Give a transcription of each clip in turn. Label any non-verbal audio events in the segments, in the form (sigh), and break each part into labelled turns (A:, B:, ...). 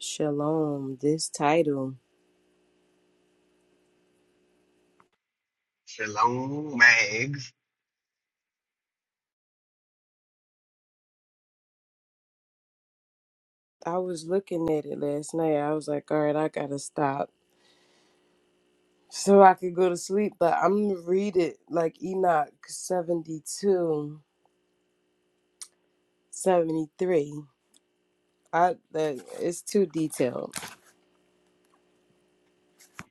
A: Shalom, this title.
B: Shalom, mags,
A: I was looking at it last night. I was like, all right, I gotta stop (laughs) so I could go to sleep. But I'm gonna read it like Enoch 72, 73. I that it's too detailed.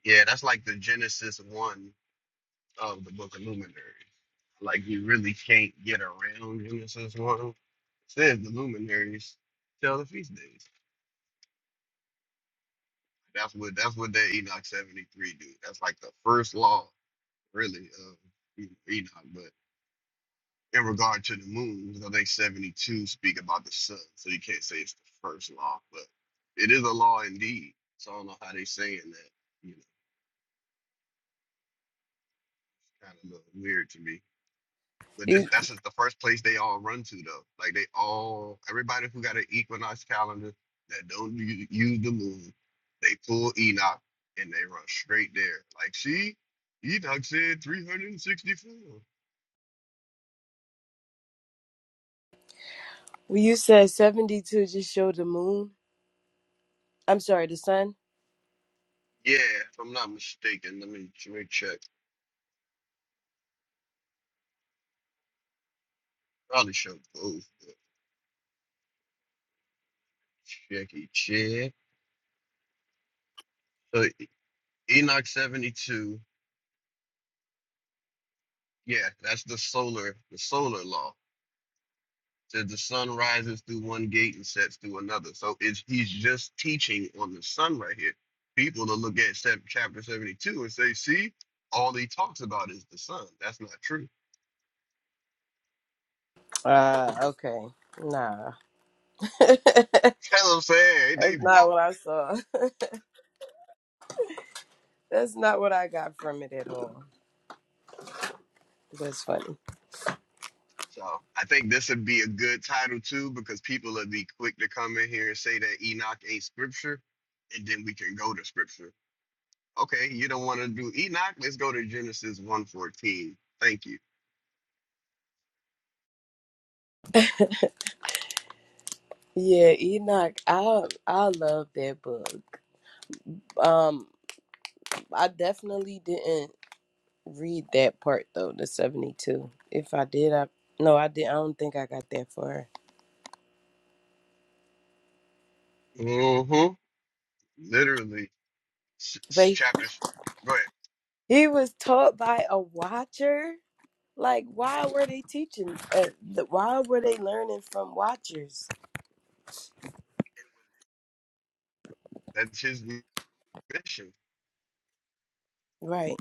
B: Yeah, that's like the Genesis one of the Book of Luminary. Like you really can't get around Genesis one. It says the luminaries tell the feast days. That's what that's what that Enoch seventy three do. That's like the first law, really, of E- Enoch. But in regard to the moon, I think seventy two speak about the sun, so you can't say it's the first law, but it is a law indeed. So I don't know how they saying that. You know, kind of look weird to me. But this,
A: You
B: that's just the first place they all run to though. Like they all, everybody who got an equinox calendar that don't u- use the moon, they pull Enoch and they run straight there. Like, see, Enoch said 364.
A: when you said 72 just showed the moon. I'm sorry, the sun.
B: Yeah, if I'm not mistaken, let me, let me check. Probably show both. but checky Check So E- Enoch 72. Yeah, that's the solar, the solar law. says the sun rises through one gate and sets through another. So it's he's just teaching on the sun right here. People to look at sev- chapter 72 and say, see, all he talks about is the sun. That's not true.
A: Uh okay. Nah. (laughs)
B: (laughs) That's what I'm saying. They
A: That's
B: both.
A: not what I saw. (laughs) That's not what I got from it at all. That's funny.
B: So I think this would be a good title too, because people would be quick to come in here and say that Enoch ain't scripture, and then we can go to scripture. Okay, you don't want to do Enoch? Let's go to Genesis one fourteen. Thank you.
A: Yeah, Enoch, I I love that book. Um, I definitely didn't read that part though, the seventy two. If I did, I no, I did. I don't think I got that far.
B: Mm-hmm. Literally. s- s-
A: But
B: chapters. Go ahead.
A: he was taught by a watcher. Like, why were they teaching? Uh, the, why were they learning from watchers?
B: That's his mission. That's
A: Right.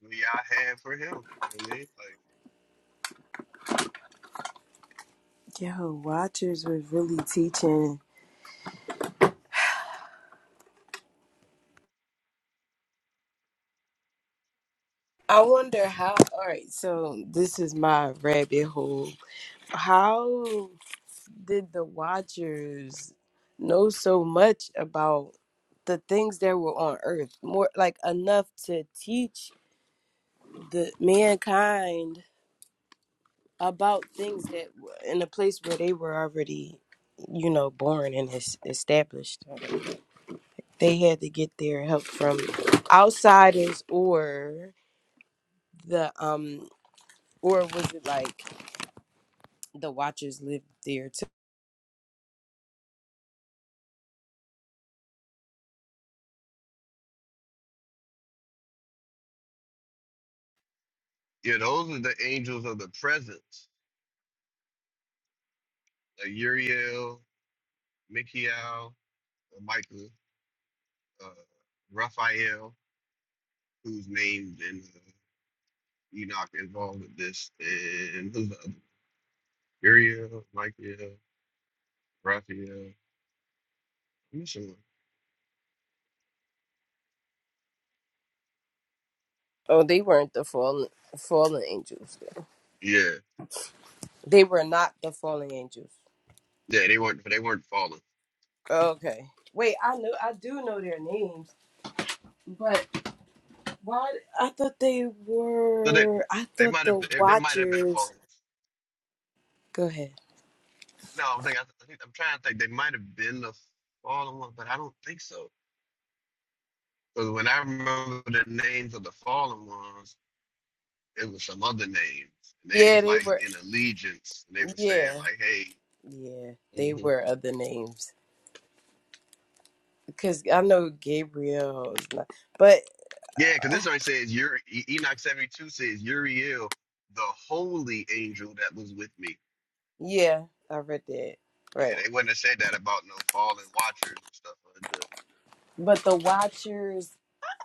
B: what y'all have for him. You know what I mean? Like,
A: Yo, watchers was really teaching. I wonder how. All right, so this is my rabbit hole. How? did the Watchers know so much about the things that were on Earth? More like enough to teach the mankind about things that were in a place where they were already, you know, born and es- established. They had to get their help from outsiders or the um or was it like the Watchers lived there too?
B: yeah, those are the angels of the presence. Like Uriel, Michael, or Michael, uh, Raphael, who's named in uh, Enoch involved with this, and who's the other? Uriel, Michael, Raphael. I'm missing one.
A: Oh, they weren't the fallen fallen angels.
B: Yeah,
A: They were not the fallen angels.
B: yeah, they weren't, but they weren't fallen.
A: Okay. Wait, I know I do know their names, but why? I thought they
B: So they,
A: were. I
B: they
A: thought
B: might have,
A: the
B: they might have been a
A: Watchers.
B: fallen.
A: Go ahead.
B: No, I'm thinking, I think I'm trying to think. They might have been the fallen ones, but I don't think so. Because when I remember the names of the fallen ones, it was some other names. And they
A: Yeah,
B: was
A: they
B: like
A: were.
B: in allegiance. And they were saying
A: Yeah,
B: like, "Hey,
A: yeah, they
B: hmm
A: were other names because I know Gabriel is not. But
B: yeah," because
A: (sighs) uh,
B: this already says Uri, E- Enoch seventy two says Uriel, the holy angel that was with me.
A: yeah, I read that. Right.
B: Yeah, they wouldn't have said that about no fallen watchers and stuff like
A: But the Watchers.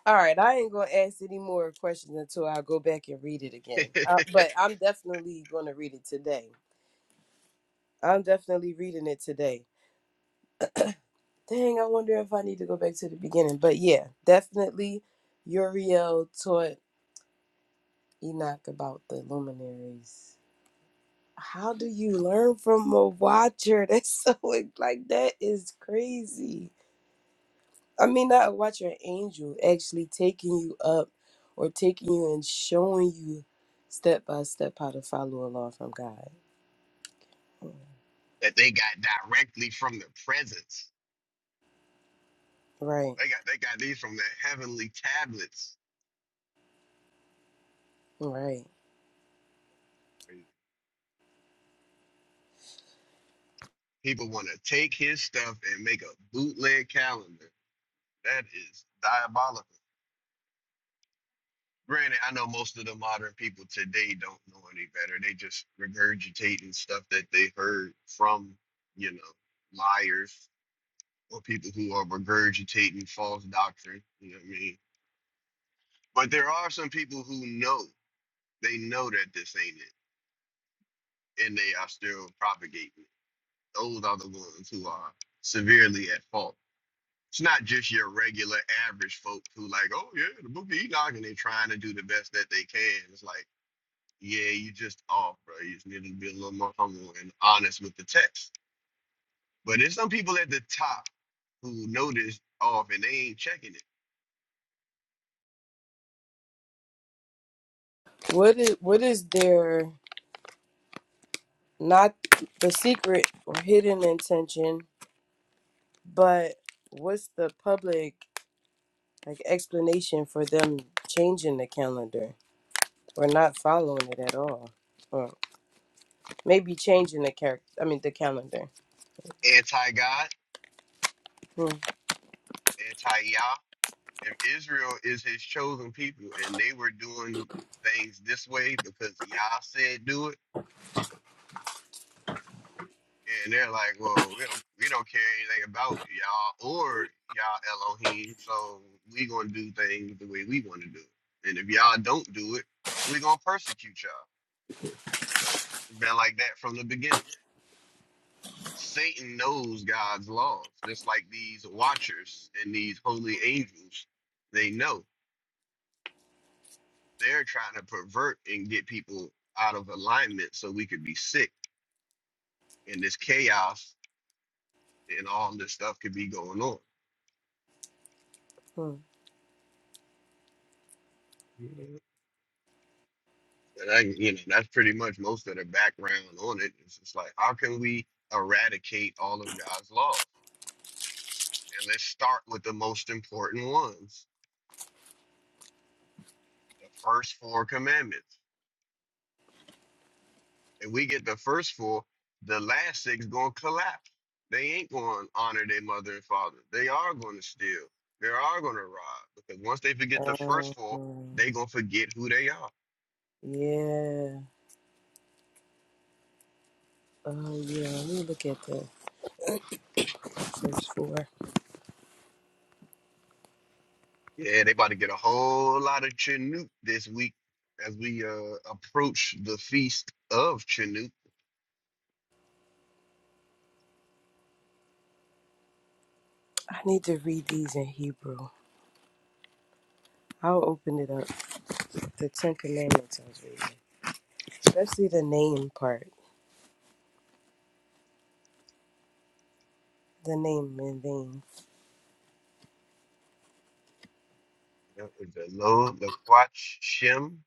A: All right, I ain't gonna ask any more questions until I go back and read it again. Uh,
B: that.
A: but I'm definitely gonna read it today. I'm definitely reading it today. Dang, I wonder if I need to go back to the beginning. But yeah, definitely Uriel taught Enoch about the luminaries. How do you learn from a watcher? (laughs) That's so like that is crazy. I mean, not a watcher, an angel actually taking you up or taking you and showing you step by step how to follow a law from God.
B: (laughs) that they got directly from the presence.
A: Right,
B: They got they got these from the heavenly tablets
A: right.
B: People want to take his stuff and make a bootleg calendar. That is diabolical. Granted, I know most of the modern people today don't know any better. They just regurgitating stuff that they heard from, you know, liars or people who are regurgitating false doctrine. You know what I mean? But there are some people who know they know that this ain't it, and they are still propagating it. Those are the ones who are severely at fault It's not just your regular average folks who like, oh yeah, the book of Enoch, and they trying to do the best that they can. It's like, yeah, you just off, bro. You just need to be a little more humble and honest with the text. But there's some people at the top who know this off and they ain't checking
A: What is what is their not the secret or hidden intention But what's the public like explanation for them changing the calendar or not following it at all? Or maybe changing the character, I mean the calendar.
B: it. Anti God,
A: Hmm.
B: anti Yah. If Israel is his chosen people and they were doing things this way because Yah said do it and they're like, "Well, we don't we don't care anything about y'all or y'all Elohim, so we gonna do things the way we want to do it. And if y'all don't do it, we gonna persecute y'all." It's been like that from the beginning. Satan knows God's laws, just like these watchers and these holy angels. They know they're trying to pervert and get people out of alignment so we could be sick and this chaos and all this stuff could be going on.
A: hmm.
B: And I, you know, that's pretty much most of the background on it. It's just like, how can we eradicate all of God's laws? And let's start with the most important ones, the first four commandments. If we get the first four, the last six gonna collapse. They ain't gonna honor their mother and father. They are gonna steal. They are gonna rob. Because once they forget the
A: Um,
B: first four, they gonna forget who they are.
A: yeah. Oh yeah, let me look at the verse four.
B: Yeah, they about to get a whole lot of Chinook this week as we uh approach the feast of Chinook.
A: I need to read these in Hebrew. I'll open it up. The Ten Commandments I was reading. Especially the name part. The name and name.
B: That was The Lo Laquach Shem.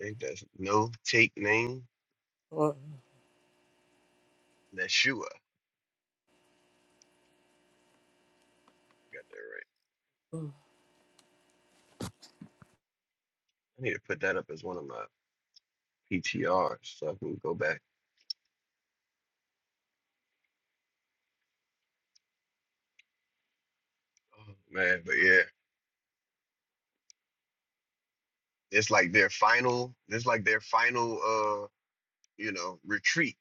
B: I think that's no take name.
A: Mm,
B: Neshua. I got that right.
A: mm.
B: I need to put that up as one of my PTRs so I can go back. Oh man, but yeah. It's like their final, it's like their final uh, you know, retreat.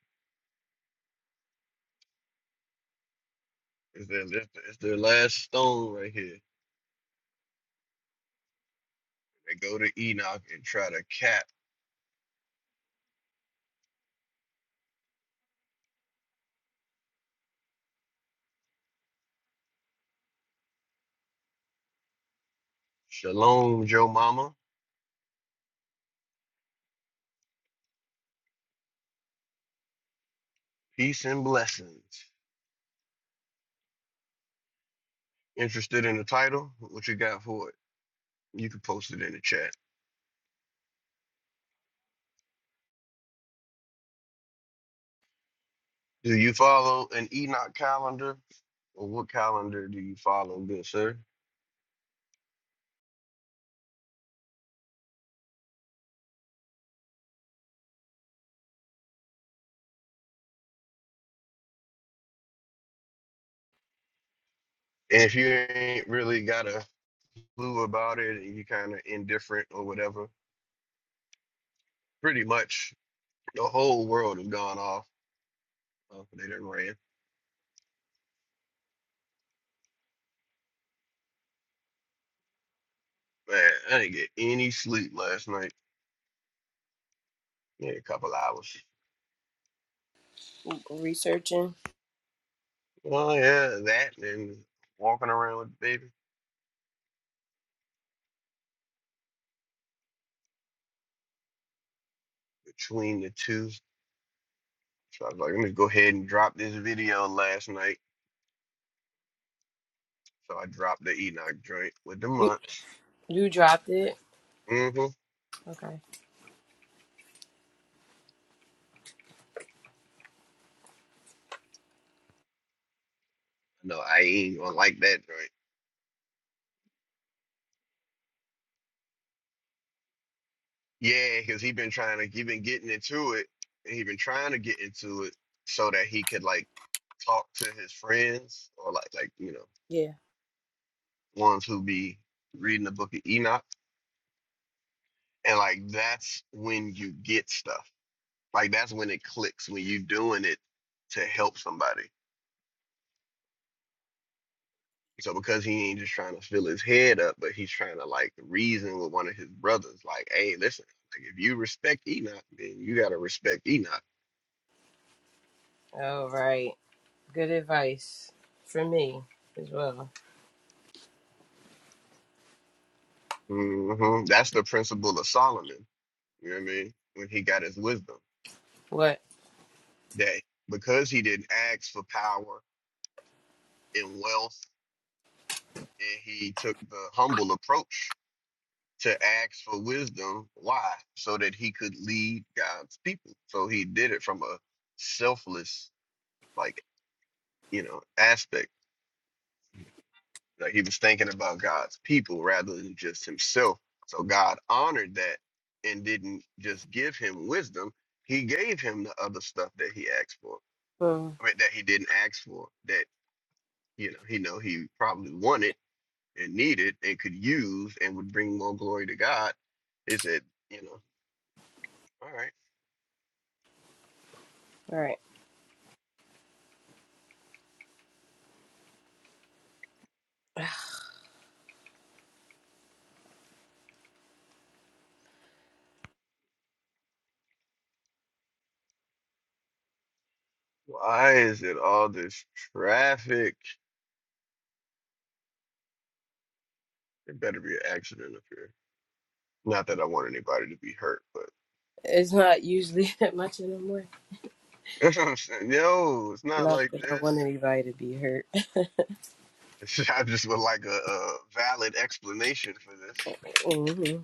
B: It's their it's their it's their last stone right here. They go to Enoch and try to cap Shalom, Joe Mama. Peace and blessings. Interested in the title? What you got for it? You can post it in the chat. Do you follow an Enoch calendar? Or what calendar do you follow, good sir? And if you ain't really got a clue about it and you kind of indifferent or whatever, pretty much the whole world has gone off. Oh, they done ran. Man, I didn't get any sleep last night. Yeah, a couple hours.
A: Researching.
B: Oh, yeah, that and walking around with the baby between the two. So I was like, let me go ahead and drop this video last night. So I dropped the Enoch joint with the
A: You
B: months.
A: you dropped it.
B: Mm-hmm.
A: Okay.
B: No, I ain't gonna like that joint. Yeah, because he been trying to, he been getting into it, and he been trying to get into it so that he could like talk to his friends or like like you know
A: Yeah.
B: ones who be reading the book of Enoch, and like that's when you get stuff. Like that's when it clicks when you doing it to help somebody So because he ain't just trying to fill his head up, but he's trying to like reason with one of his brothers, like, hey, listen, like if you respect Enoch, then you gotta respect Enoch.
A: All right. Good advice for me as well.
B: hmm That's the principle of Solomon. You know what I mean? When he got his wisdom,
A: What?
B: that because he didn't ask for power and wealth, and he took the humble approach to ask for wisdom. Why? So that he could lead God's people. So he did it from a selfless, like you know, aspect. Like he was thinking about God's people rather than just himself. So God honored that and didn't just give him wisdom. He gave him the other stuff that he asked for.
A: Hmm.
B: I mean, that he didn't ask for. That you know, he know he probably wanted and needed and could use and would bring more glory to God. He said, you know, all right.
A: All right. (sighs)
B: Why is it all this traffic? There better be an accident up here. Not that I want anybody to be hurt, but
A: It's not usually (laughs) that much anymore.
B: (laughs) that's what I'm saying. Yo, it's not
A: Not
B: like
A: that I
B: this.
A: want anybody to be hurt.
B: (laughs) It's- I just would like a, a valid explanation for this.
A: hmm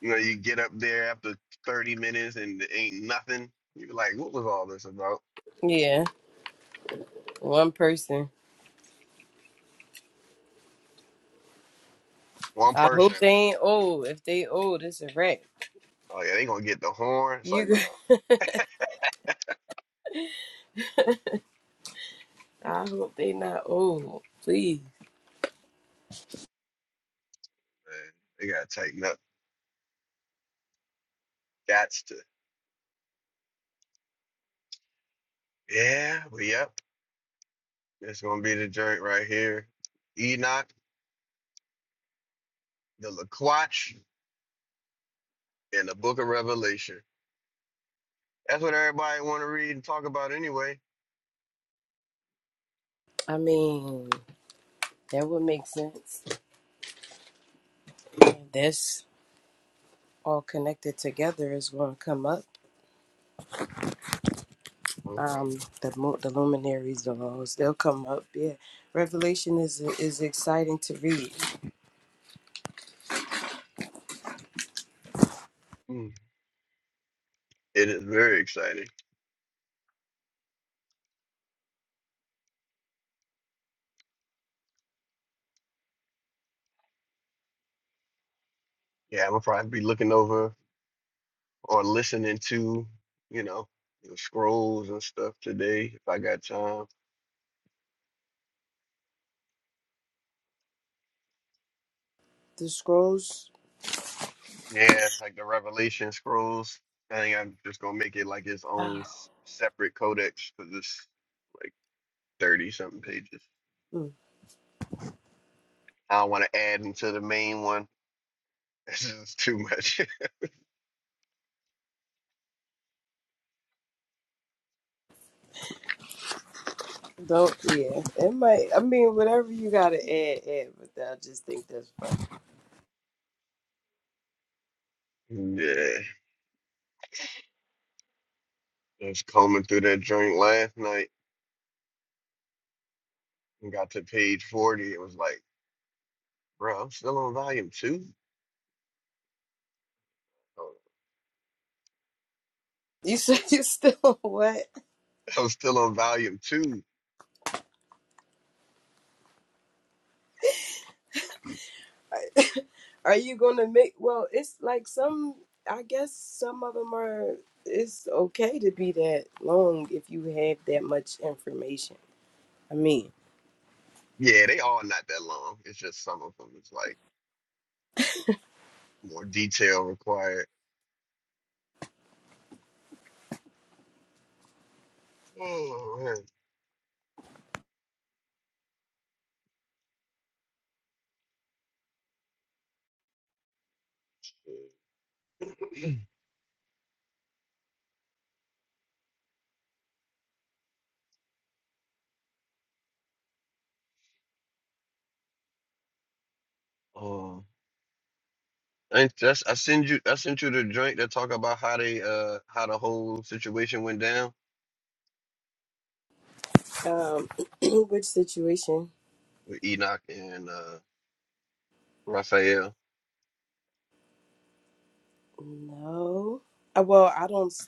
B: You know, you get up there after 30 minutes and it ain't nothing. You're like, what was all this about?
A: Yeah, one person.
B: One
A: I
B: person.
A: hope they ain't old. If they old, it's a wreck.
B: Oh, yeah, they going to get the horn. It's like,
A: You. Go-
B: nah,
A: (laughs) I hope they not old. Please.
B: man, they got to tighten up. That's to, yeah, but yep. It's going to be the joint right here. Enoch, the Laquatch, and the Book of Revelation. That's what everybody want to read and talk about anyway.
A: I mean, that would make sense. This all connected together is going to come up.
B: Well,
A: um, the mo- the luminaries, the laws, they'll come up. Yeah, Revelation is is exciting to read.
B: mm, It is very exciting. Yeah, I'm going to probably be looking over or listening to, you know, the scrolls and stuff today if I got time.
A: The scrolls,
B: Yeah, like the Revelation scrolls. I think I'm just gonna make it like its
A: (sighs)
B: own
A: ah,
B: s- separate codex because it's like thirty something pages.
A: mm,
B: I don't want to add into the main one. (laughs) This is too much. (laughs)
A: don't yeah. It might. I mean, whatever you gotta add, add. But I just think that's. Fun.
B: yeah, I was combing through that joint last night and got to page forty. It was like, bro, I'm still on volume two. Oh,
A: You (laughs) said you still (laughs) what?
B: (laughs) I I'm still on volume two.
A: Are you gonna make? Well, it's like some. I guess some of them are. It's okay to be that long if you have that much information. I mean,
B: Yeah, they all not that long. It's just some of them is like more detail required. Oh man. (clears throat) Oh, I that's I send you I sent you the joint that talk about how they uh how the whole situation went down
A: um, (clears throat) which situation?
B: with Enoch and uh Raphael.
A: No. Uh, Well, I don't. s-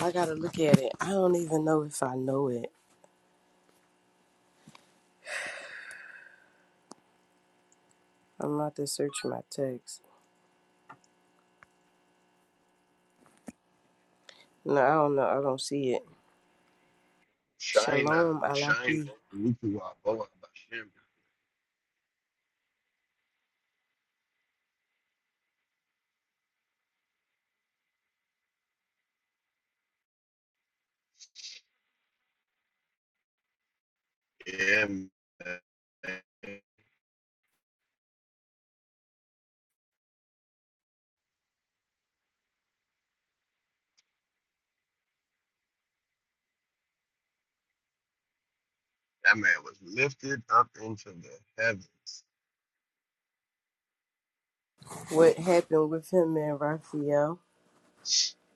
A: I gotta look at it. I don't even know if I know it. I'm about to search my text. No, I don't know. I don't see it.
B: Shina,
A: Shalom
B: Shina,
A: Alafi.
B: Rukuwa, Boa, Bashem. Yeah, man. that man was lifted up into the heavens.
A: What happened with him and Raphael?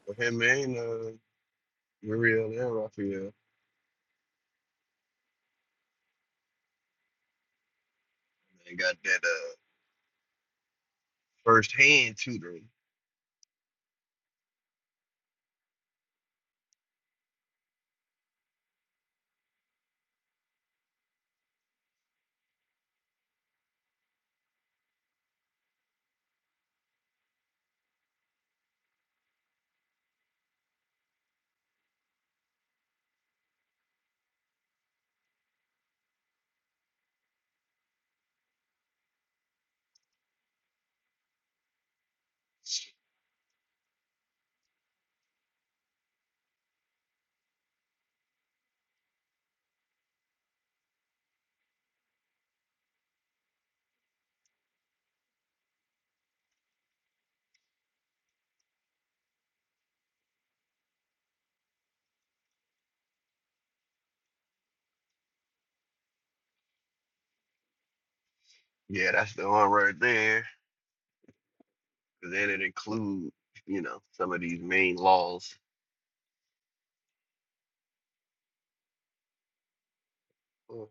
B: With him and uh, Muriel and Raphael, they got that. uh, first hand tutoring. Yeah, that's the one right there. 'Cause then it include, you know, some of these main laws. Mm.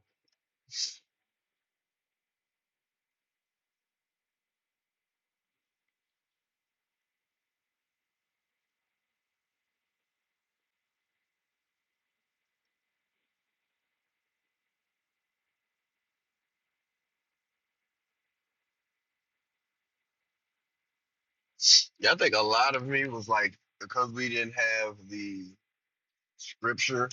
B: Yeah, I think a lot of me was like because we didn't have the scripture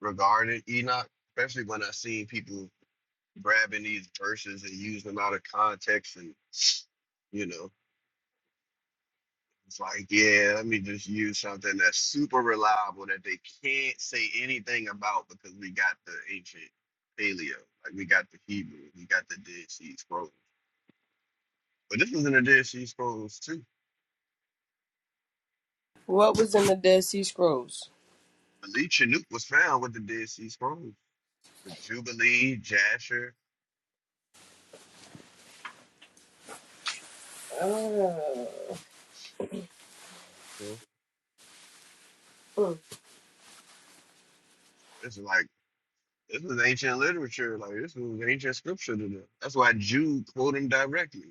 B: regarding Enoch, especially when I seen people grabbing these verses and using them out of context and you know. It's like, yeah, let me just use something that's super reliable that they can't say anything about because we got the ancient paleo, like we got the Hebrew, we got the Dead Sea Scrolls. But this was in the Dead Sea Scrolls too.
A: What was in the Dead Sea Scrolls?
B: Believe Chinook was found with the Dead Sea Scrolls. The Jubilee, Jasher.
A: Uh,
B: you
A: mm.
B: It's like this was ancient literature. Like this was ancient scripture to them. That's why Jude quote him directly.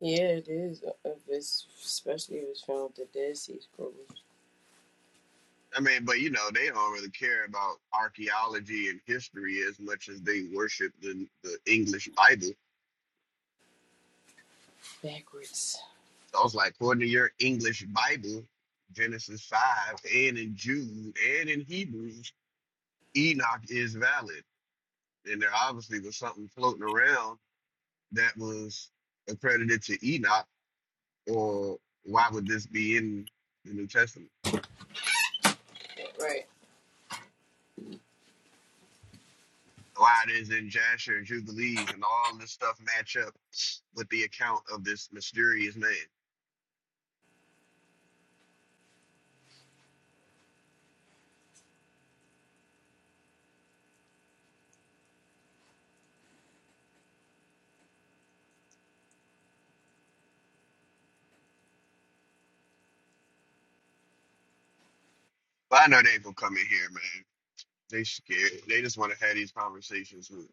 A: yeah, it is. uh, uh, If it's, especially if it's found with the Dead Sea Scrolls
B: I mean, but you know, they don't really care about archaeology and history as much as they worship the, the English Bible.
A: backwards.
B: So I was like, according to your English Bible, Genesis 5, and in Jude, and in Hebrews, Enoch is valid. And there obviously was something floating around that was accredited to Enoch, or why would this be in the New Testament?
A: Right.
B: Why it is in Jasher and Jubilees and all this stuff match up with the account of this mysterious man? But I know they ain't gonna come in here, man. They scared. They just want to have these conversations with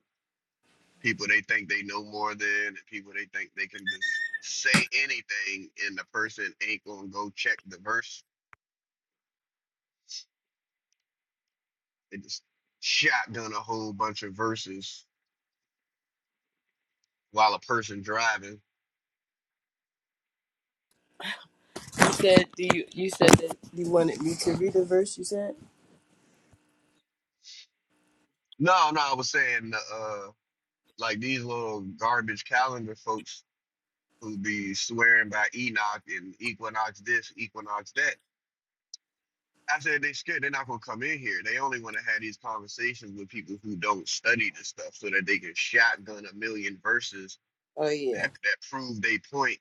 B: people they think they know more than, and people they think they can just say anything, and the person ain't gonna go check the verse. They just shotgun a whole bunch of verses while a person driving.
A: You said do you? You said that you wanted me to read the verse. You said.
B: No, no, I was saying, uh, like these little garbage calendar folks who be swearing by Enoch and equinox this, equinox that I said they scared they're not gonna come in here. They only want to have these conversations with people who don't study this stuff, so that they can shotgun a million verses
A: Oh yeah.
B: that that prove they point.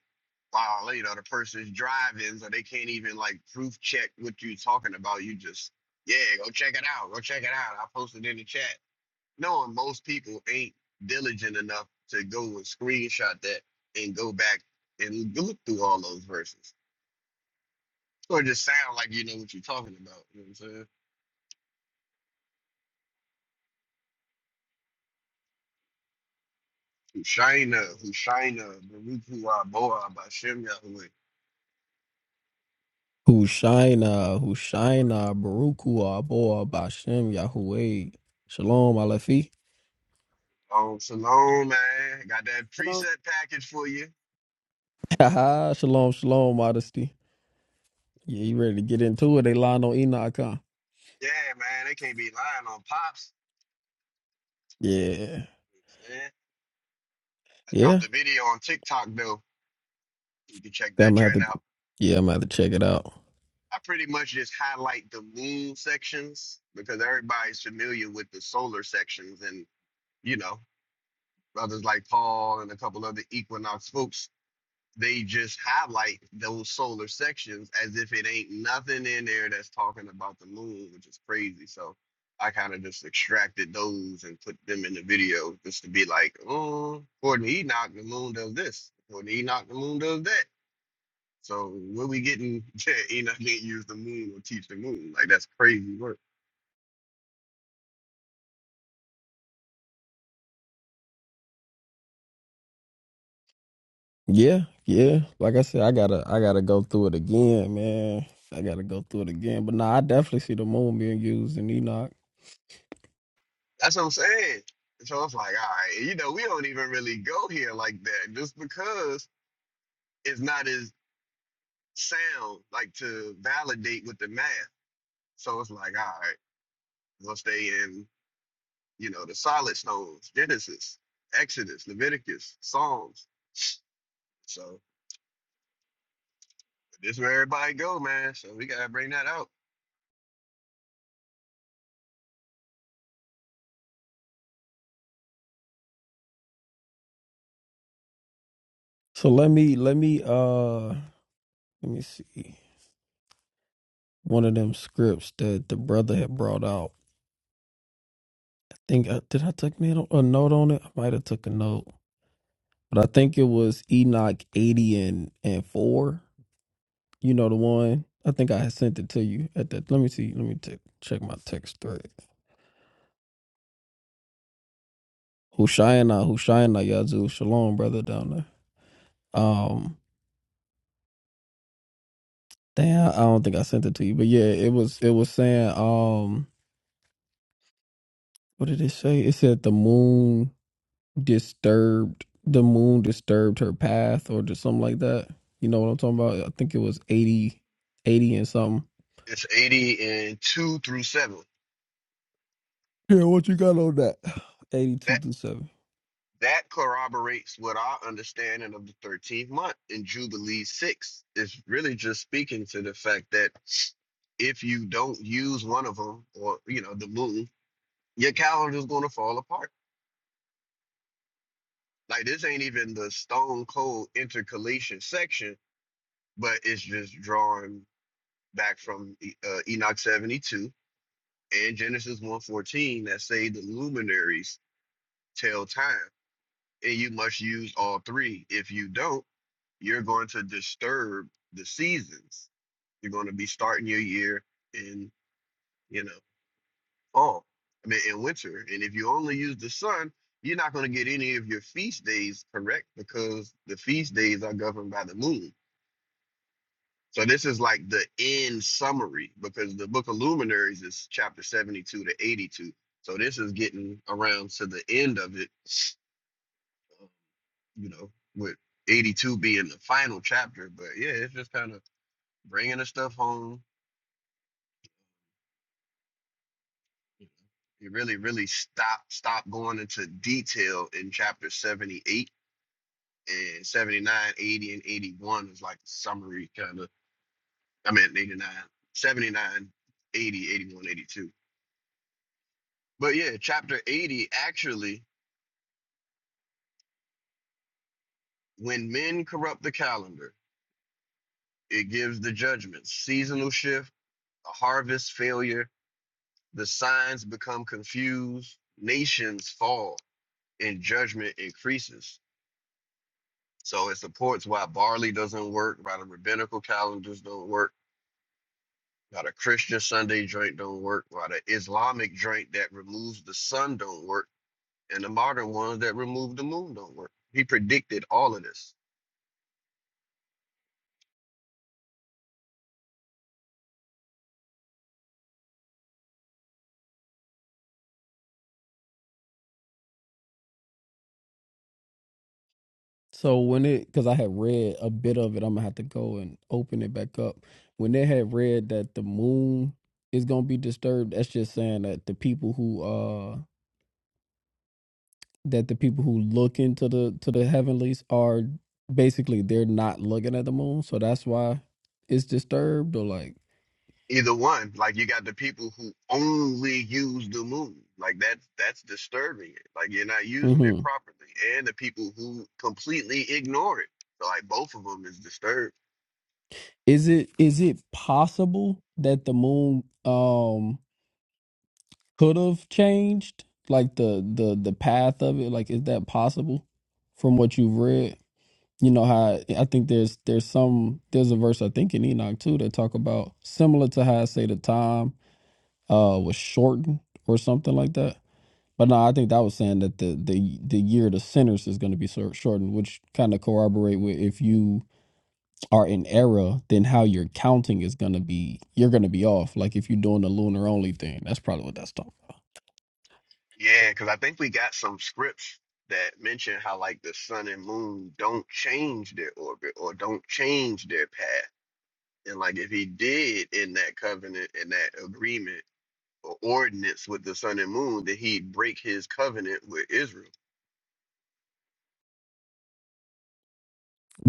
B: While you know the person's driving, so they can't even like proof check what you're talking about. You just yeah, go check it out. Go check it out. I posted in the chat. Knowing most people ain't diligent enough to go and screenshot that and go back and look through all those verses, or just sound like you know what you're talking about. You know what I'm saying? Hushaina, Hushaina, Baruch Boa, Bashem Yahweh.
C: Hushaina, Hushaina, Barukua, Aboa, Bashem, Yahweh. Shalom, Alefi.
B: Um, Shalom, man. Got that
A: Shalom.
B: preset package for you.
C: (laughs) shalom, shalom, modesty. Yeah, you ready to get into it? They lying on Enoch, huh?
B: Yeah, man. They can't be lying on pops.
C: Yeah.
B: You know what I'm saying? I
C: Yeah.
B: dropped a video on TikTok though. You can check
C: Yeah, I'm
B: that
C: gonna have
B: joint
C: to
B: out.
C: Yeah, I'm gonna have to check it out.
B: I pretty much just highlight the moon sections because everybody's familiar with the solar sections, and you know, brothers like Paul and a couple other equinox folks they just highlight those solar sections as if it ain't nothing in there that's talking about the moon, which is crazy. So I kind of just extracted those and put them in the video just to be like, oh, according to Enoch, the moon does this. According to Enoch, the moon does that. So where we getting (laughs) to Enoch didn't use the moon or teach the moon? Like that's crazy work.
C: Yeah, yeah. Like I said, I gotta I gotta go through it again, man. I gotta go through it again. But nah, I definitely see the moon being used in Enoch.
B: That's what I'm saying. And so I was like, all right, you know, we don't even really go here like that just because it's not as sound like to validate with the math. So it's like, all right, we'll stay in, you know, the solid stones, Genesis, Exodus, Leviticus, Psalms. So this is where everybody go, man. So we gotta bring that out.
C: So let me let me uh let me see. One of them scripts that the brother had brought out. think uh, did I take me a a note on it? I might have took a note, but I think it was Enoch eighty and and four. You know the one. I think I had sent it to you at that. Let me see. Let me t- check my text thread. Hushaina, Hushaina, Yazoo, Shalom, brother down there. Um, damn, I don't think I sent it to you, but yeah, it was it was saying um, what did it say? It said the moon. disturbed the moon disturbed her path or just something like that. You know what I'm talking about? I think it was 80, 80 and something.
B: It's 80 and 2 through 7.
C: Yeah, what you got on that? 82
B: That
C: through 7.
B: that corroborates what our understanding of the 13th month in Jubilee 6 is really just speaking to the fact that if you don't use one of them or you know the moon, your calendar's gonna fall apart Like this ain't even the stone cold intercalation section, but it's just drawing back from E- uh, Enoch 72 and Genesis 114 that say the luminaries tell time, and you must use all three. If you don't, you're going to disturb the seasons. You're going to be starting your year in, you know, fall. I mean, in winter. And if you only use the sun, you're not going to get any of your feast days correct because the feast days are governed by the moon So this is like the end summary because the book of luminaries is chapter 72 to 82. So this is getting around to the end of it, uh, you know, with 82 being the final chapter. But yeah, it's just kind of bringing the stuff home. It really, really stop stop going into detail in chapter 78 and 79, 80 and 81 is like summary kind of. I mean, 89, 79, 80, 81, 82. But yeah, chapter 80 actually, when men corrupt the calendar, it gives the judgments seasonal shift, a harvest failure, the signs become confused, nations fall, and judgment increases. So it supports why barley doesn't work, why the rabbinical calendars don't work, why the Christian Sunday joint don't work, why the Islamic joint that removes the sun don't work, and the modern ones that remove the moon don't work. He predicted all of this.
C: So when it, because I had read a bit of it, I'm going to have to go and open it back up. When they had read that the moon is going to be disturbed, that's just saying that the people who, uh, that the people who look into the to the heavenlies are basically they're not looking at the moon so that's why it's disturbed or like
B: either one. Like you got the people who only use the moon. Like that's that's disturbing it. Like you're not using it
C: hmm
B: properly, and the people who completely ignore it. So like both of them is disturbed.
C: Is it is it possible that the moon um could have changed like the the the path of it? Like, is that possible from what you've read? You know how I think there's there's some there's a verse I think in Enoch too that talk about similar to how I say the time uh was shortened or something like that. But no, I think that was saying that the the the year of the sinners is going to be sor- shortened, which kind of corroborate with if you are in error, then how you're counting is gonna be you're gonna be off. Like if you're doing the lunar only thing, that's probably what that's talking. about.
B: Yeah, because I think we got some scripts that mention how like the sun and moon don't change their orbit or don't change their path. And like if he did in that covenant and that agreement or ordinance with the sun and moon, that he'd break his covenant with Israel.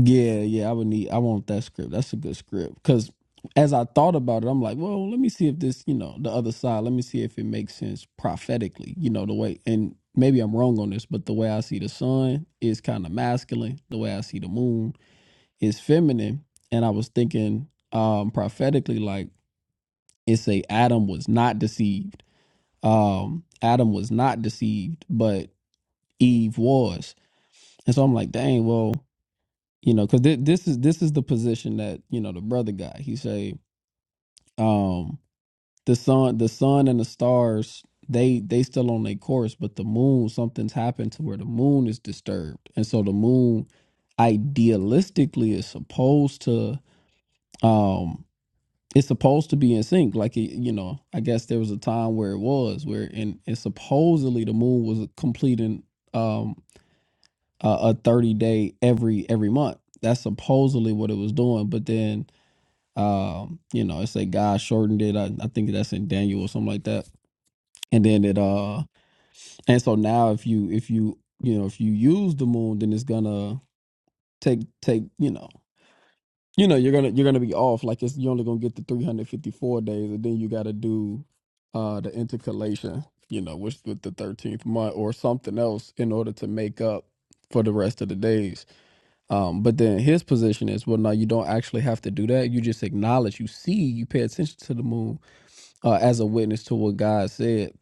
C: Yeah, yeah, I would need. I want that script. That's a good script. Because as I thought about it, I'm like, well, let me see if this, you know, the other side. Let me see if it makes sense prophetically. You know, the way and maybe I'm wrong on this, but the way I see the sun is kind of masculine. The way I see the moon is feminine. And I was thinking um prophetically, like it say Adam was not deceived. Um, Adam was not deceived, but Eve was. And so I'm like, dang, well you know because th- this is this is the position that you know the brother guy he say um the sun the sun and the stars they they still on their course but the moon something's happened to where the moon is disturbed and so the moon idealistically is supposed to um it's supposed to be in sync like it, you know i guess there was a time where it was where in and supposedly the moon was completing um a, a 30 day every every month that's supposedly what it was doing but then um you know it's like god shortened it I, I think that's in daniel or something like that and then it uh and so now if you if you you know if you use the moon then it's gonna take take you know you know you're gonna you're gonna be off like it's you're only gonna get the 354 days and then you gotta do uh the intercalation you know which with the 13th month or something else in order to make up for the rest of the days um but then his position is well no you don't actually have to do that you just acknowledge you see you pay attention to the moon uh, as a witness to what God said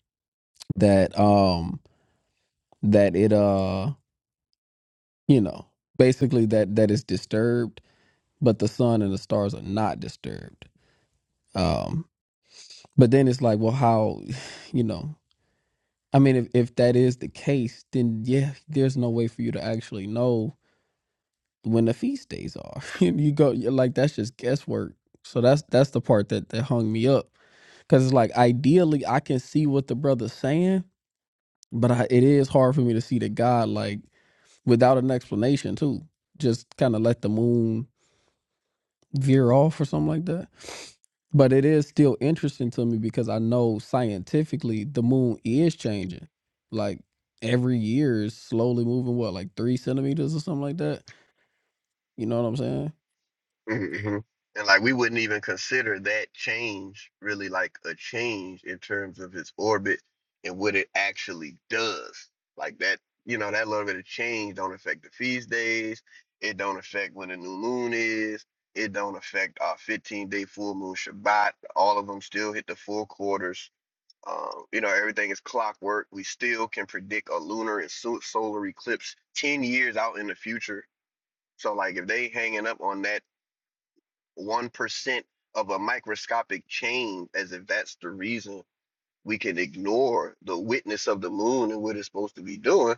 C: that um that it uh you know basically that that is disturbed but the sun and the stars are not disturbed um but then it's like well how (sighs) you know I mean if if that is the case then yeah there's no way for you to actually know when the feast days are (laughs) and you go you're like that's just guesswork so that's that's the part that that hung me up cuz it's like ideally I can see what the brother's saying but I, it is hard for me to see that God like without an explanation too. Just kind of let the moon veer off or something like that. But it is still interesting to me because I know scientifically the moon is changing. Like every year is slowly moving what, like three centimeters or something like that. You know what I'm saying?
B: hmm And like we wouldn't even consider that change really like a change in terms of its orbit and what it actually does. Like that, you know, that little bit of change don't affect the feast days. It don't affect when the new moon is. It don't affect our 15 day full moon Shabbat. All of them still hit the four quarters. Um, you know, everything is clockwork. We still can predict a lunar and so- solar eclipse 10 years out in the future. So like if they hanging up on that 1% of a microscopic change, as if that's the reason we can ignore the witness of the moon and what it's supposed to be doing,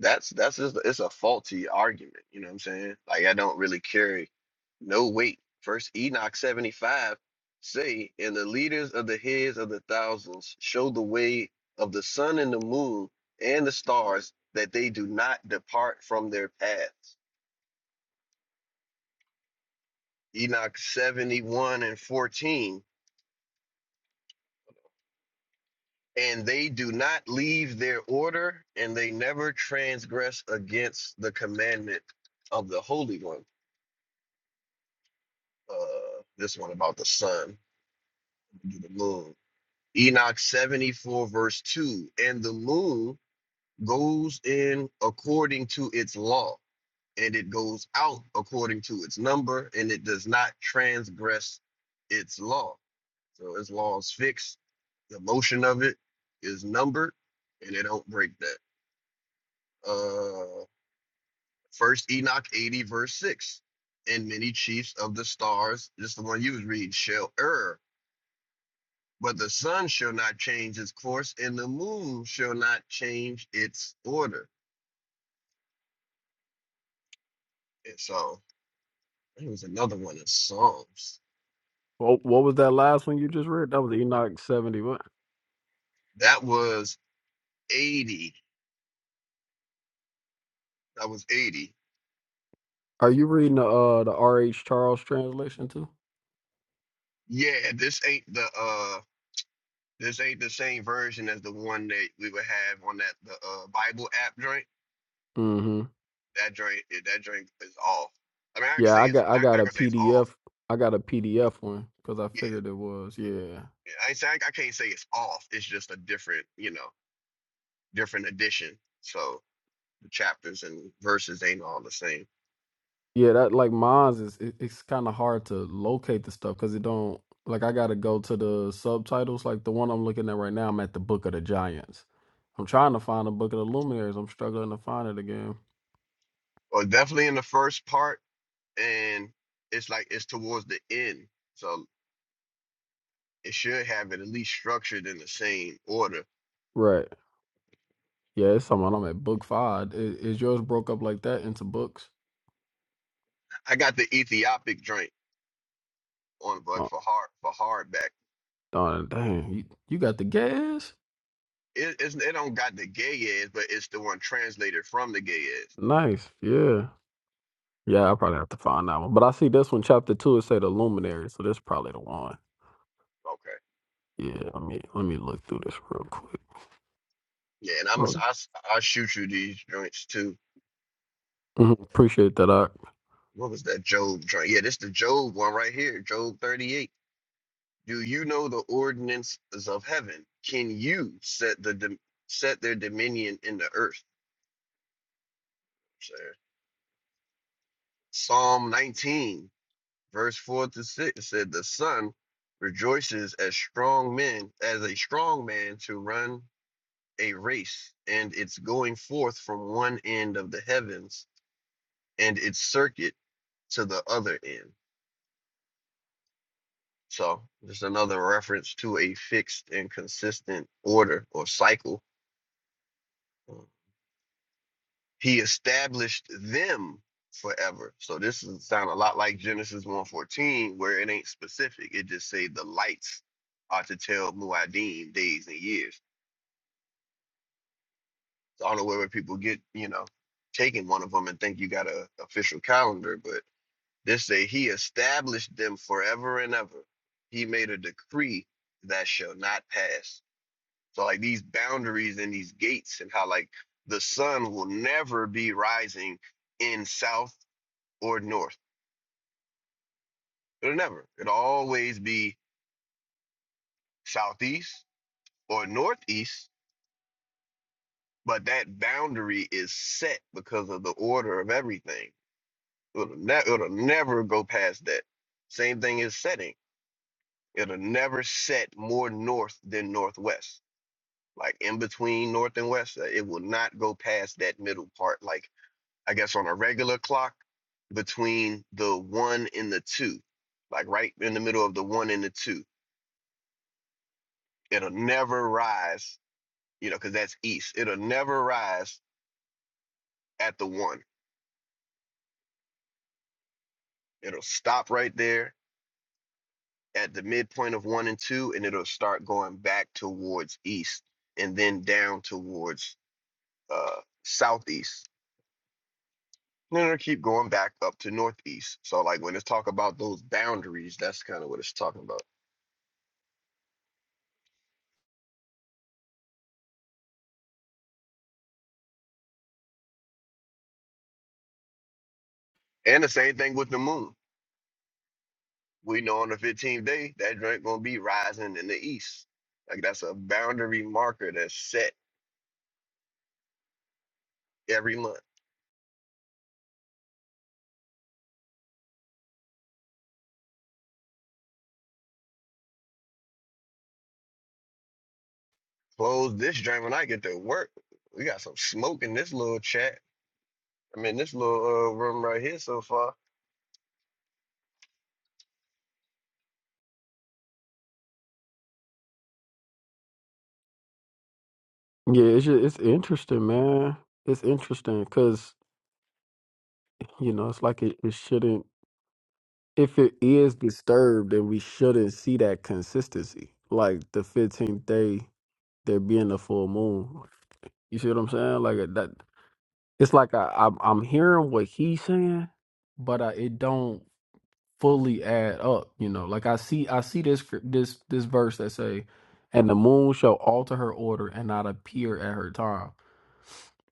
B: that's that's just it's a faulty argument. You know what I'm saying? Like I don't really carry no weight. First Enoch 75 say, and the leaders of the heads of the thousands show the way of the sun and the moon and the stars that they do not depart from their paths. Enoch 71 and 14 and they do not leave their order and they never transgress against the commandment of the Holy One. Uh, this one about the sun, the moon. Enoch 74, verse 2 And the moon goes in according to its law, and it goes out according to its number, and it does not transgress its law. So its law is fixed, the motion of it is numbered, and it don't break that Uh, First Enoch 80, verse 6. And many chiefs of the stars, just the one you was reading, shall err, but the sun shall not change its course, and the moon shall not change its order. And so there was another one in Psalms.
C: Well, what was that last one you just read? That was Enoch 71.
B: That was 80. That was 80.
C: Are you reading the uh the R.H. Charles translation too?
B: Yeah, this ain't the uh this ain't the same version as the one that we would have on that the uh Bible app joint.
C: Mm-hmm.
B: That joint that joint is off. I mean I can
C: Yeah,
B: say
C: I
B: it's
C: got
B: I,
C: I got
B: I
C: a
B: can say it's
C: PDF.
B: off.
C: I got a PDF one because I
B: Yeah.
C: figured it was. Yeah.
B: I say I, I can't say it's off. It's just a different, you know, different edition. So the chapters and verses ain't all the same.
C: Yeah, that like mine's is it, it's kind of hard to locate the stuff because it don't like I gotta go to the subtitles. Like the one I'm looking at right now, I'm at the Book of the Giants. I'm trying to find the Book of the Luminaries. I'm struggling to find it again.
B: Well, definitely in the first part, and it's like it's towards the end. So it should have it at least structured in the same order.
C: Right. Yeah, it's something I'm at book five. I- Is, yours broke up like that into books?
B: I got the Ethiopic drink on but
C: Oh,
B: for hard for hardback.
C: darn, dang, you, you got the gas?
B: It it's, it don't got the gay is, but it's the one translated from the gay is.
C: Nice. Yeah. Yeah, I probably have to find that one. But I see this one, chapter two, it say the Luminary, so that's probably the one.
B: Okay.
C: Yeah, let me let me look through this real quick.
B: Yeah, and I'm I, I shoot you these joints too
C: Mhm. Appreciate that. I,
B: What was that Job joint? Yeah, this the Job one right here, Job 38. Do you know the ordinances of heaven? Can you set the dom- set their dominion in the earth? Sir? Psalm 19, verse 4 to 6 it said, The son rejoices as strong men, as a strong man to run a race, and it's going forth from one end of the heavens and its circuit to the other end. So just another reference to a fixed and consistent order or cycle. Uh, He established them forever. So this is sound a lot like Genesis one fourteen, where it ain't specific. It just say the lights are to tell Muad'Dim days and years. So I don't know where people get, you know, taking one of them and think you got a official calendar, but this say he established them forever and ever. He made a decree that shall not pass. So like these boundaries and these gates and how like the sun will never be rising in south or north. It'll never. It'll always be southeast or northeast, but that boundary is set because of the order of everything. It'll, ne- it'll never go past that. Same thing is setting. It'll never set more north than northwest. Like in between north and west, uh, it will not go past that middle part. Like I guess on a regular clock between the one and the two, like right in the middle of the one and the two. It'll never rise, you know, because that's east. It'll never rise at the one. It'll stop right there at the midpoint of one and two, and it'll start going back towards east and then down towards uh, southeast. And then it'll keep going back up to northeast. So, like when it's talk about those boundaries, that's kind of what it's talking about. And the same thing with the moon We know on the 15th day that joint gonna be rising in the east. Like that's a boundary marker that's set every month. Close this joint when I get to work. We got some smoke in this little chat. I mean, this little uh, room right here so far.
C: yeah, it's ju- it's interesting, man. It's interesting because you know it's like it, it shouldn't. If it is disturbed, then we shouldn't see that consistency. Like the fifteenth day, there being a full moon. You see what I'm saying? Like uh, that. It's like I, I'm I'm hearing what he's saying, but I, it don't fully add up. You know, like I see I see this scrip- this this verse that say, "And the moon shall alter her order and not appear at her time."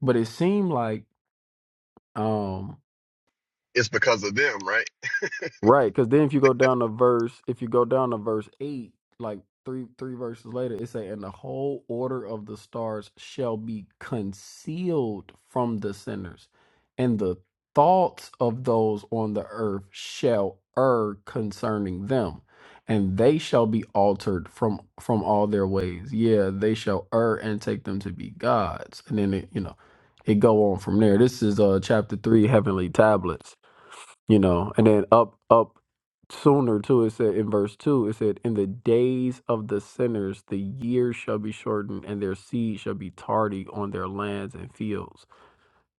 C: But it seemed like um
B: It's because of them, right?
C: Right, because then if you go down to verse, if you go down to verse eight, like three three verses later, it say, "And the whole order of the stars shall be concealed from the sinners, and the thoughts of those on the earth shall err concerning them, and they shall be altered from from all their ways. Yeah, they shall err and take them to be gods." And then it, you know, it go on from there. This is uh chapter three, heavenly tablets you know and then up up sooner too it said in verse 2 it said in the days of the sinners the years shall be shortened and their seed shall be tardy on their lands and fields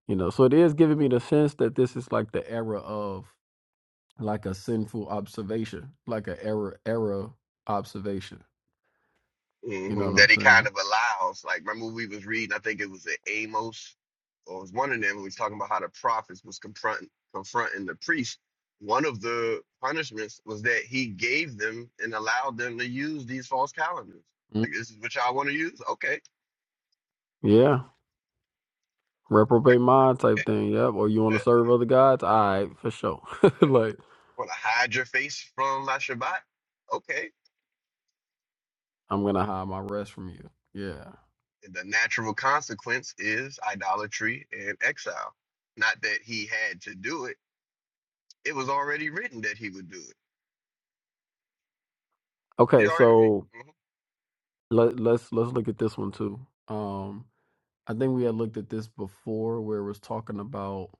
C: you know so it is giving me the sense that this is like the era of like a sinful observation like a era era observation you know
B: hmm
C: what i'm
B: that he kind
C: saying
B: of allows. Like, remember we was reading, I think it was in Amos, or it was one of them, we was talking about how the prophets was confronting confronting the priest. One of the punishments was that he gave them and allowed them to use these false calendars.
C: Mm.
B: Like, this is what y'all want to use? Okay.
C: yeah
B: Like,
C: reprobate mind type
B: (laughs)
C: thing yep or you want to serve other gods all right for sure (laughs) like
B: want to hide your face from La Shabbat? Okay.
C: i'm gonna hide my rest from you yeah
B: And the natural consequence is idolatry and exile. Not that he had to do it. It was already written that he would do it You
C: okay
B: know, it- it-
C: so
B: mhm.
C: Let, let's let's look at this one too. Um, I think we had looked at this before, where it was talking about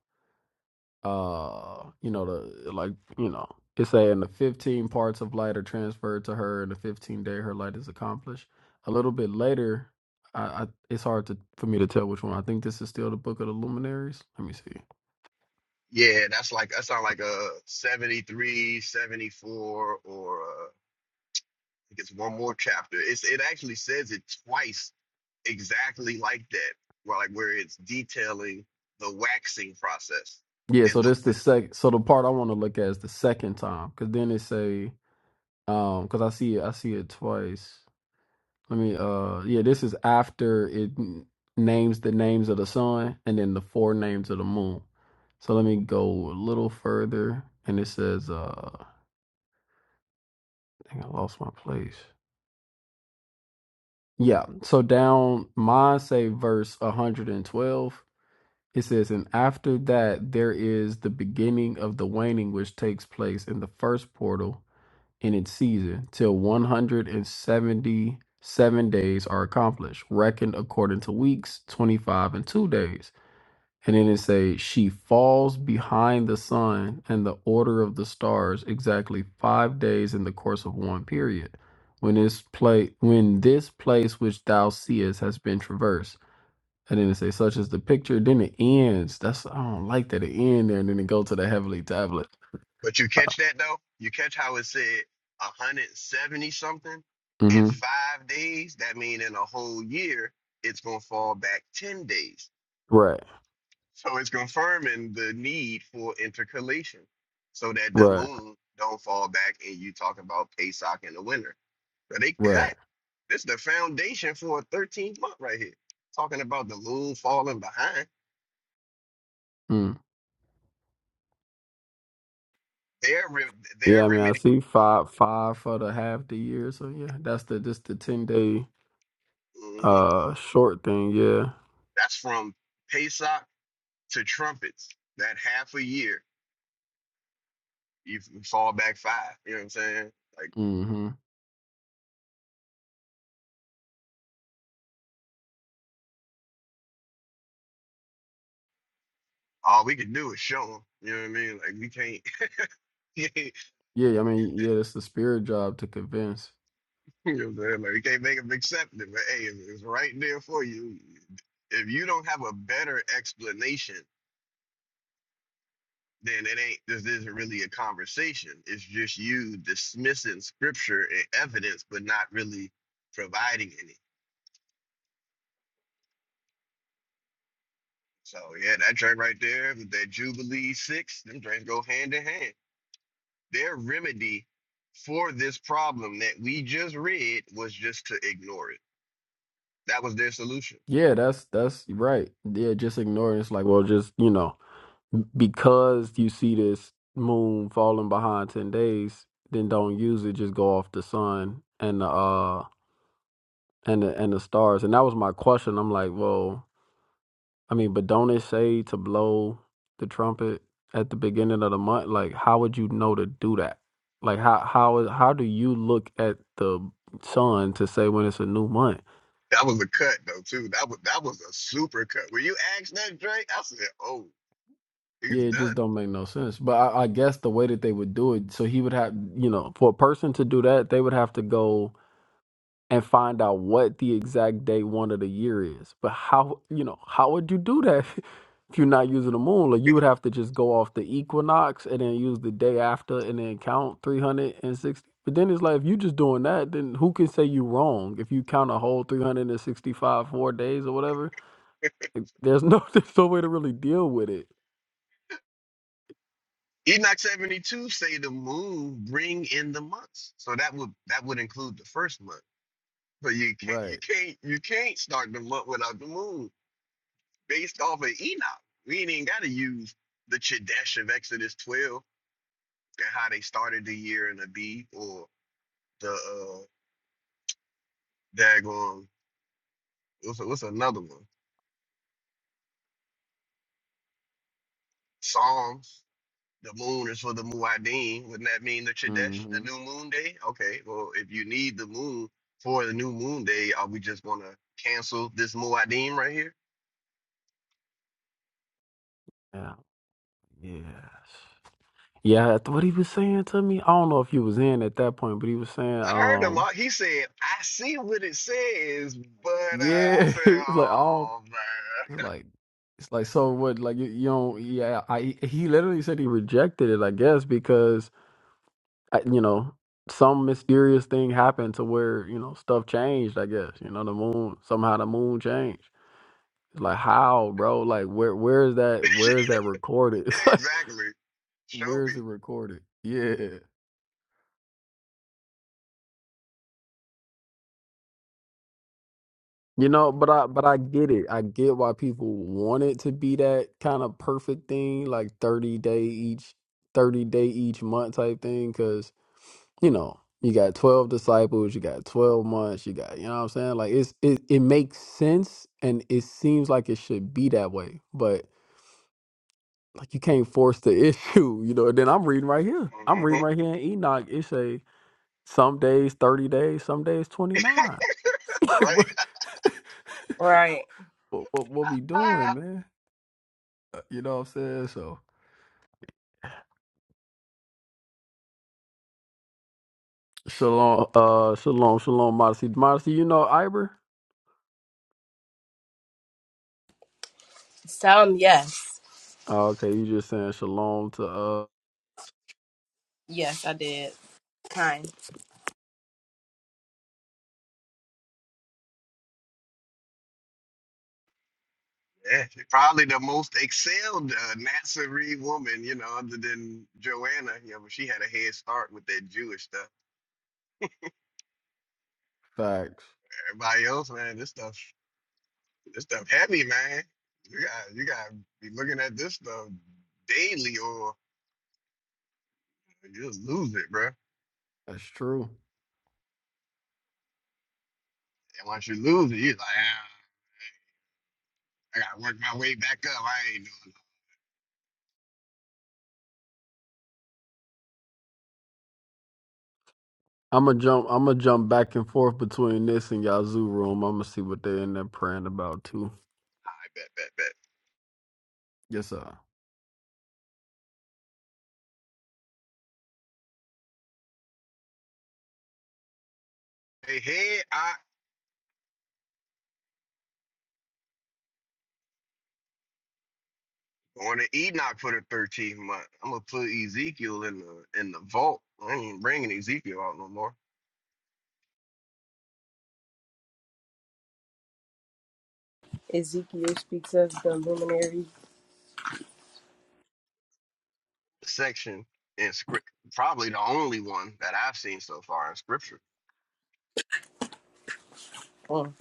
C: uh, you know, the like you know, it's saying the fifteen parts of light are transferred to her, and the fifteen day her light is accomplished. A little bit later, I, I it's hard to for me to tell which one. I think this is still the book of the luminaries. Let me see.
B: yeah, that's like that sound like a 73, 74, or uh, I think it's one more chapter. It's it actually says it twice exactly like that, where like where it's detailing the waxing process
C: Yeah,
B: in
C: so
B: the
C: this the
B: wind.
C: sec. So the part I want to look at is the second time, because then it say um, because I see it, I see it twice. Let me uh yeah, this is after it n- names the names of the sun and then the four names of the moon. So let me go a little further and it says uh dang I lost my place. Yeah, so down mine say verse 112. It says, and after that there is the beginning of the waning which takes place in the first portal in its season till 177 days are accomplished, reckoned according to weeks, 25 and 2 days. And then it say she falls behind the sun and the order of the stars exactly 5 days in the course of one period. When this place when this place which thou seest has been traversed and then it say such as the picture then it ends that's i don't like that it end there and then it go to the heavenly tablet
B: But you catch that though? You catch how it said 170 something in
C: hmm
B: five days? That mean in a whole year, it's gonna fall back 10 days.
C: right
B: So it's confirming the need for intercalation so that the
C: right
B: moon don't fall back and you talk about Pesach in the winter. So they cut.
C: right
B: This is the foundation for a 13th month right here. Talking about the moon falling behind.
C: Mm.
B: Their re- their
C: Yeah, I mean, I
B: remedy.
C: see five five for the half the year. So yeah, that's the just the ten day
B: mhm,
C: uh short thing. Yeah.
B: That's from Pesach to trumpets. That half a year, you f- fall back five. You know what I'm saying? Like
C: mm hmm
B: all we can do is show them. You know what I mean? Like we can't. (laughs)
C: Yeah, I mean, yeah, it's the spirit job to convince.
B: You know what I'm saying? Like, you can't make them accept it, but hey, it's it's right there for you. If you don't have a better explanation, then it ain't, this isn't really a conversation. It's just you dismissing scripture and evidence, but not really providing any. So, yeah, that drink right there, with that Jubilee six, them drinks go hand in hand. Their remedy for this problem that we just read was just to ignore it. That was their solution.
C: Yeah, that's that's right. Yeah, just ignoring. It's like, well, just you know, because you see this moon falling behind ten days, then don't use it. Just go off the sun and the uh and the and the stars. And that was my question. I'm like, well. I mean, but don't it say to blow the trumpet at the beginning of the month? Like, how would you know to do that? Like, how how is how do you look at the sun to say when it's a new month?
B: That was a cut though too. That was that was a super cut. When you asked that Drake, I said, "Oh, he's
C: Yeah, it just
B: done."
C: don't make no sense. But I, I guess the way that they would do it, so he would have, you know, for a person to do that, they would have to go and find out what the exact day one of the year is. But how you know how would you do that (laughs) if you're not using the moon? Like you would have to just go off the equinox and then use the day after and then count 360. But then it's like if you just doing that, then who can say you wrong if you count a whole 365 four days or whatever? Like, There's no (laughs) there's no way to really deal with it.
B: Enoch seventy two say the moon bring in the months, so that would that would include the first month. But you can't you
C: Right.
B: can't you can't start the month without the moon. Based off of Enoch, we ain't even got to use the Chadesh of Exodus twelve and how they started the year in a B or the uh daggone what's what's another one Psalms the moon is for the Muad'Dim. Wouldn't that mean the Chadesh, the
C: hmm
B: new moon day? Okay, well, if you need the moon for the new moon day, are we just gonna cancel this Muad'Dim right here?
C: Yeah. Yeah. Yeah, th- what he was saying to me, I don't know if you was in at that point, but he was saying,
B: I heard him.
C: um.
B: uh, He said, "I see what it says," but uh, I
C: Yeah, (laughs)
B: said,
C: it's like I don't.
B: "Oh
C: It's
B: man,
C: like it's like so what? Like you, you don't. Yeah, I he literally said he rejected it. I guess because uh, you know some mysterious thing happened to where you know stuff changed. I guess you know the moon somehow the moon changed. It's like how, bro? Like where? Where is that? Where is that recorded?
B: (laughs)
C: (laughs) It's like
B: exactly." Show
C: where is
B: me,
C: it recorded? Yeah. You know, but I but I get it. I get why people want it to be that kind of perfect thing, like 30 day each 30 day each month type thing cuz you know, you got 12 disciples, you got 12 months, you got, you know what I'm saying? Like it's it it makes sense and it seems like it should be that way, but like you can't force the (laughs) issue, you know. And then I'm reading right here. I'm
B: hmm
C: reading
B: (laughs)
C: right here in Enoch. It say some days 30 days, some days 29. (laughs) Like
B: right?
C: what? (laughs)
A: Right.
C: what what, what we doing,
B: (laughs)
C: man? Uh, You know what I'm saying? So shalom, uh, shalom, shalom, modesty, modesty. You know Iber?
A: Some, yes.
C: Oh, okay, you just saying shalom to uh
A: Yes, I did. Kind.
B: yeah, she's probably the most excelled uh, Nazarene woman, you know, other than Joanna. You know, but she had a head start with that Jewish stuff.
C: facts.
B: Everybody else, man, this stuff, this stuff heavy, man. You got, you got to be looking at this stuff daily, or you just lose it, bro. And
C: That's true.
B: once you lose it, you're like, ah, I gotta work my way back up. I ain't doing. it.
C: I'm gonna jump. I'm gonna jump back and forth between this and Yazoo room. I'm gonna see what they in there praying about too.
B: I bet, bet, bet.
C: Yes, sir.
B: Hey, hey, I going to Enoch for the 13th month. I'm gonna put Ezekiel in the in the vault. I ain't bringing Ezekiel out no more.
A: Ezekiel speaks of the luminary.
B: The Section in script, probably the only one that I've seen so far in scripture
A: Mm.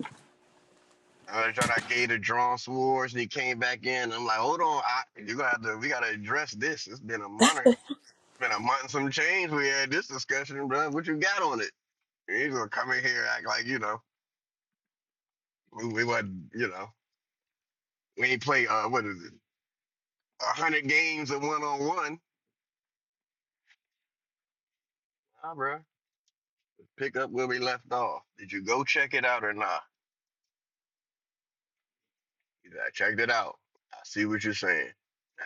B: I tried. I gave the drawn swords, and he came back in. I'm like, hold on, I, you gotta, have to- we gotta address this. It's been a month, it's been a month and some change. We had this discussion, bro. What you got on it? And he's gonna come in here act like you know we, we wasn't, you know, we ain't play. Uh, what is it? A hundred games of one on one, nah, bro. Pick up where we left off. Did you go check it out or not? He's like, I checked it out. I see what you're saying.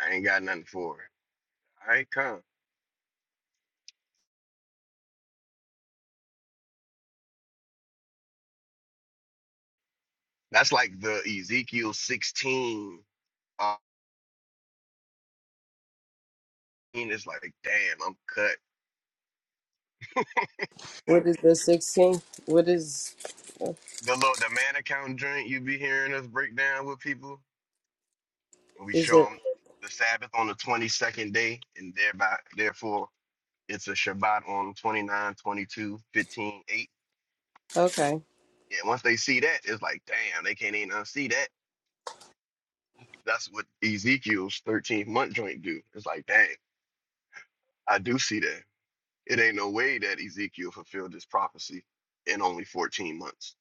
B: I ain't got nothing for it. I ain't come. That's like the Ezekiel 16 Uh, it's like, damn, I'm cut.
A: What is the sixteenth? What is
B: The little the man account joint you be hearing us break down with people, and we
A: is
B: show
A: it?
B: them the Sabbath on the 22nd day, and thereby, therefore, it's a Shabbat on 29, 22, 15, eight.
A: Okay,
B: Yeah, once they see that, it's like, damn, they can't even unsee that. That's what Ezekiel's 13th month joint do. It's like, dang, I do see that. It ain't no way that Ezekiel fulfilled this prophecy in only 14 months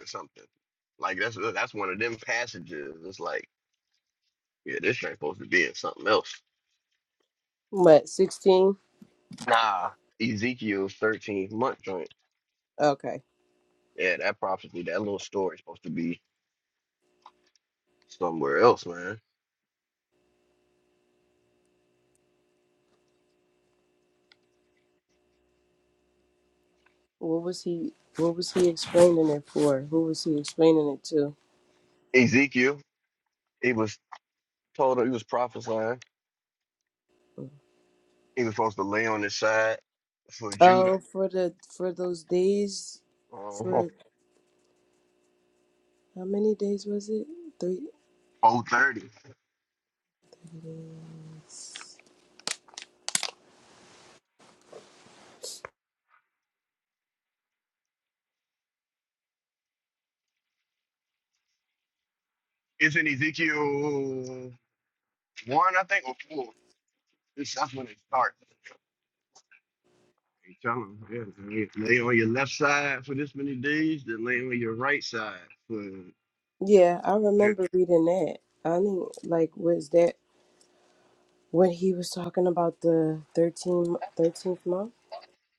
B: or something. Like that's that's one of them passages. It's like Yeah, this thing supposed to be in something else.
A: what sixteen?
B: Nah, Ezekiel's 13th month joint.
A: Okay,
B: Yeah, that prophecy, that little story is supposed to be somewhere else, man.
A: what was he? What was he explaining it for? Who was he explaining it to?
B: Ezekiel, he was told he was prophesying. He was supposed to lay on his side for Judah.
A: Oh, for the for those days,
B: Uh,
A: for how many days was it? Three.
B: 430. It's in Ezekiel 1, I think, or 4. It's, that's when it starts. He tell him, yeah, man, lay on your left side for this many days, then lay on your right side for
A: Yeah, I
B: Judah.
A: remember reading that. I mean, like, was that? when he was talking about the 13th, 13th month?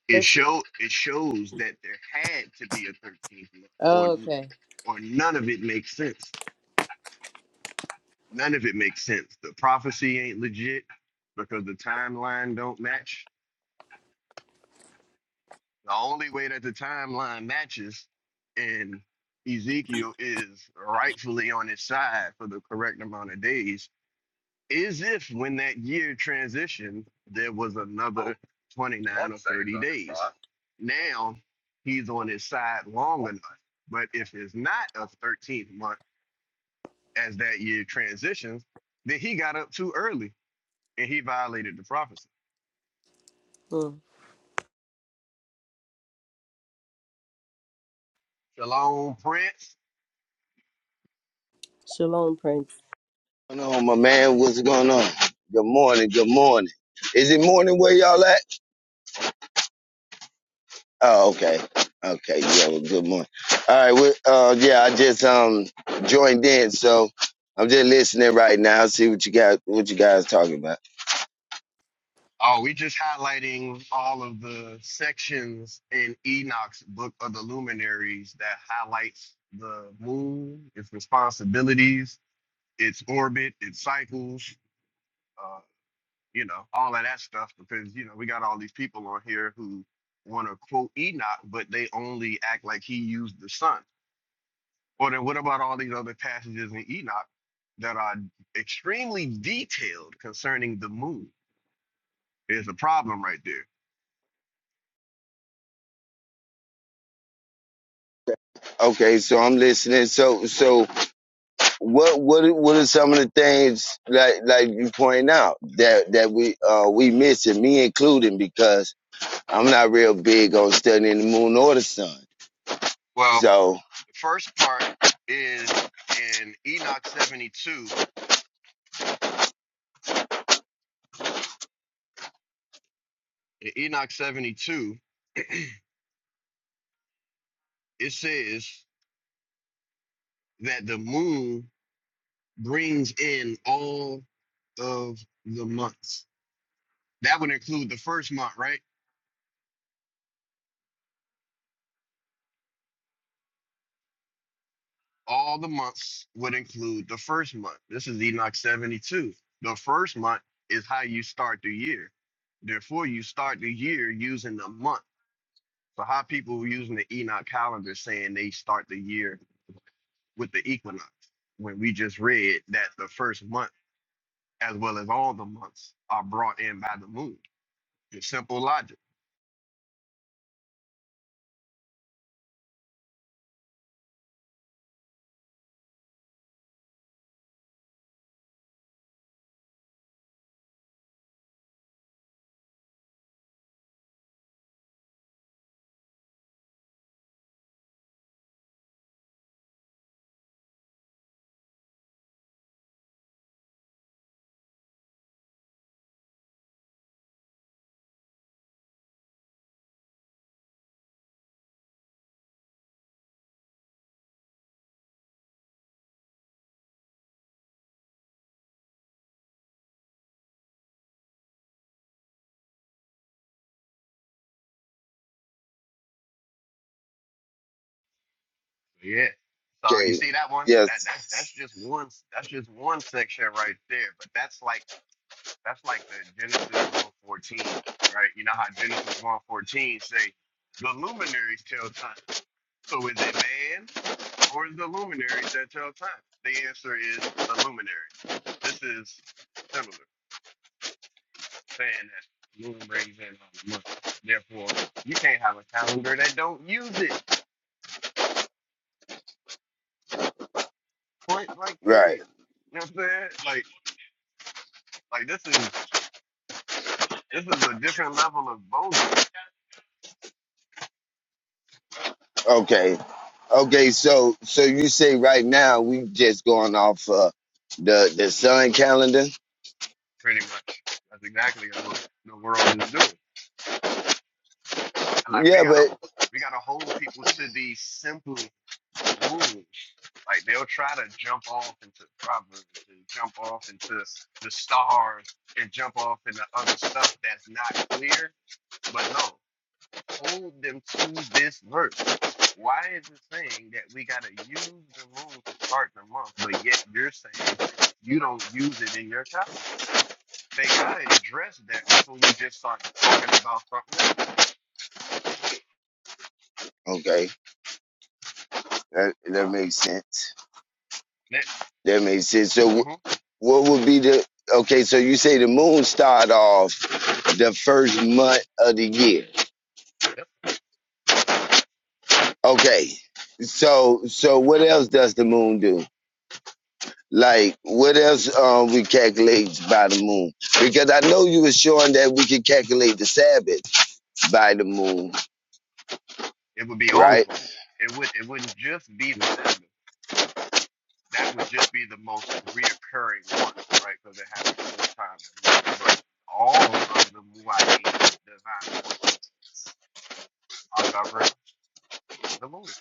B: it
A: 13th?
B: show it shows that there had to be a thirteenth month, or
A: Oh, okay.
B: or none of it makes sense. None of it makes sense. The prophecy ain't legit because the timeline don't match. The only way that the timeline matches and Ezekiel is rightfully on his side for the correct amount of days is if when that year transitioned, there was another 29 or 30 days. Now he's on his side long enough. But if it's not a 13th month as that year transitions, then he got up too early and he violated the prophecy.
A: Mm.
B: Shalom, Prince.
A: Shalom, Prince.
D: What's going on, my man? What's going on? Good morning. Good morning. Is it morning where y'all at? Oh, okay. Okay. Yeah. Well, good morning. All right. We, uh, yeah. I just um joined in, so I'm just listening right now. See what you got. what you guys talking about.
B: Oh, we just highlighting all of the sections in Enoch's Book of the Luminaries that highlights the moon, its responsibilities, its orbit, its cycles, uh, you know, all of that stuff because you know we got all these people on here who want to quote Enoch, but they only act like he used the sun. Or then what about all these other passages in Enoch that are extremely detailed concerning the moon? There's a problem right there.
D: Okay. So I'm listening. So so what what are- what are some of the things like like you point out that that we uh we missing me including because I'm not real big on studying the moon or the sun.
B: Well,
D: So
B: the first part is in Enoch 72. In Enoch 72, (clears throat) it says that the moon brings in all of the months That would include the first month, right? All the months would include the first month. This is Enoch 72. The first month is how you start the year. Therefore, you start the year using the month. So, how people were using the Enoch calendar saying they start the year with the equinox, when we just read that the first month, as well as all the months, are brought in by the moon. It's simple logic. Yeah. So you
D: Okay.
B: see that one? That that that's
D: Yes.
B: just one. That's just one section right there. But that's like That's like the Genesis 114, right? You know how Genesis 114 say the luminaries tell time. So is it man or is the luminaries that tell time? The answer is the luminaries. This is similar, saying that moon brings in all the months. Therefore, you can't have a calendar that don't use it. Point blank
D: Right.
B: period. You know what I'm saying? Like like this is this is a different level of bogus,
D: Okay. Okay. So, so you say right now we just going off uh, the the sun calendar?
B: pretty much. That's exactly what the world is doing. like we
D: Yeah,
B: gotta
D: but
B: we gotta hold people to these simple rules. Like they'll try to jump off into proverbs and jump off into the stars and jump off into other stuff that's not clear. But no, hold them to this verse. Why is it saying that we gotta use the moon to start the month, but yet you're saying you don't use it in your calendar? They gotta address that before we just start talking about something else.
D: okay, that that makes sense.
B: Next.
D: That makes sense. So, wh-
B: hmm
D: what would be the okay? So you say the moon start off the first month of the year. Okay. So, so what else does the moon do? Like, what else um, we calculate by the moon? Because I know you were showing that we could calculate the Sabbath by the moon,
B: It would be all of
D: right?
B: them. It would it wouldn't just be the Sabbath. That would just be the most reoccurring one, right? Because it happened four times a month. But all of the Muad'Dib divine appointments are governed by the moon.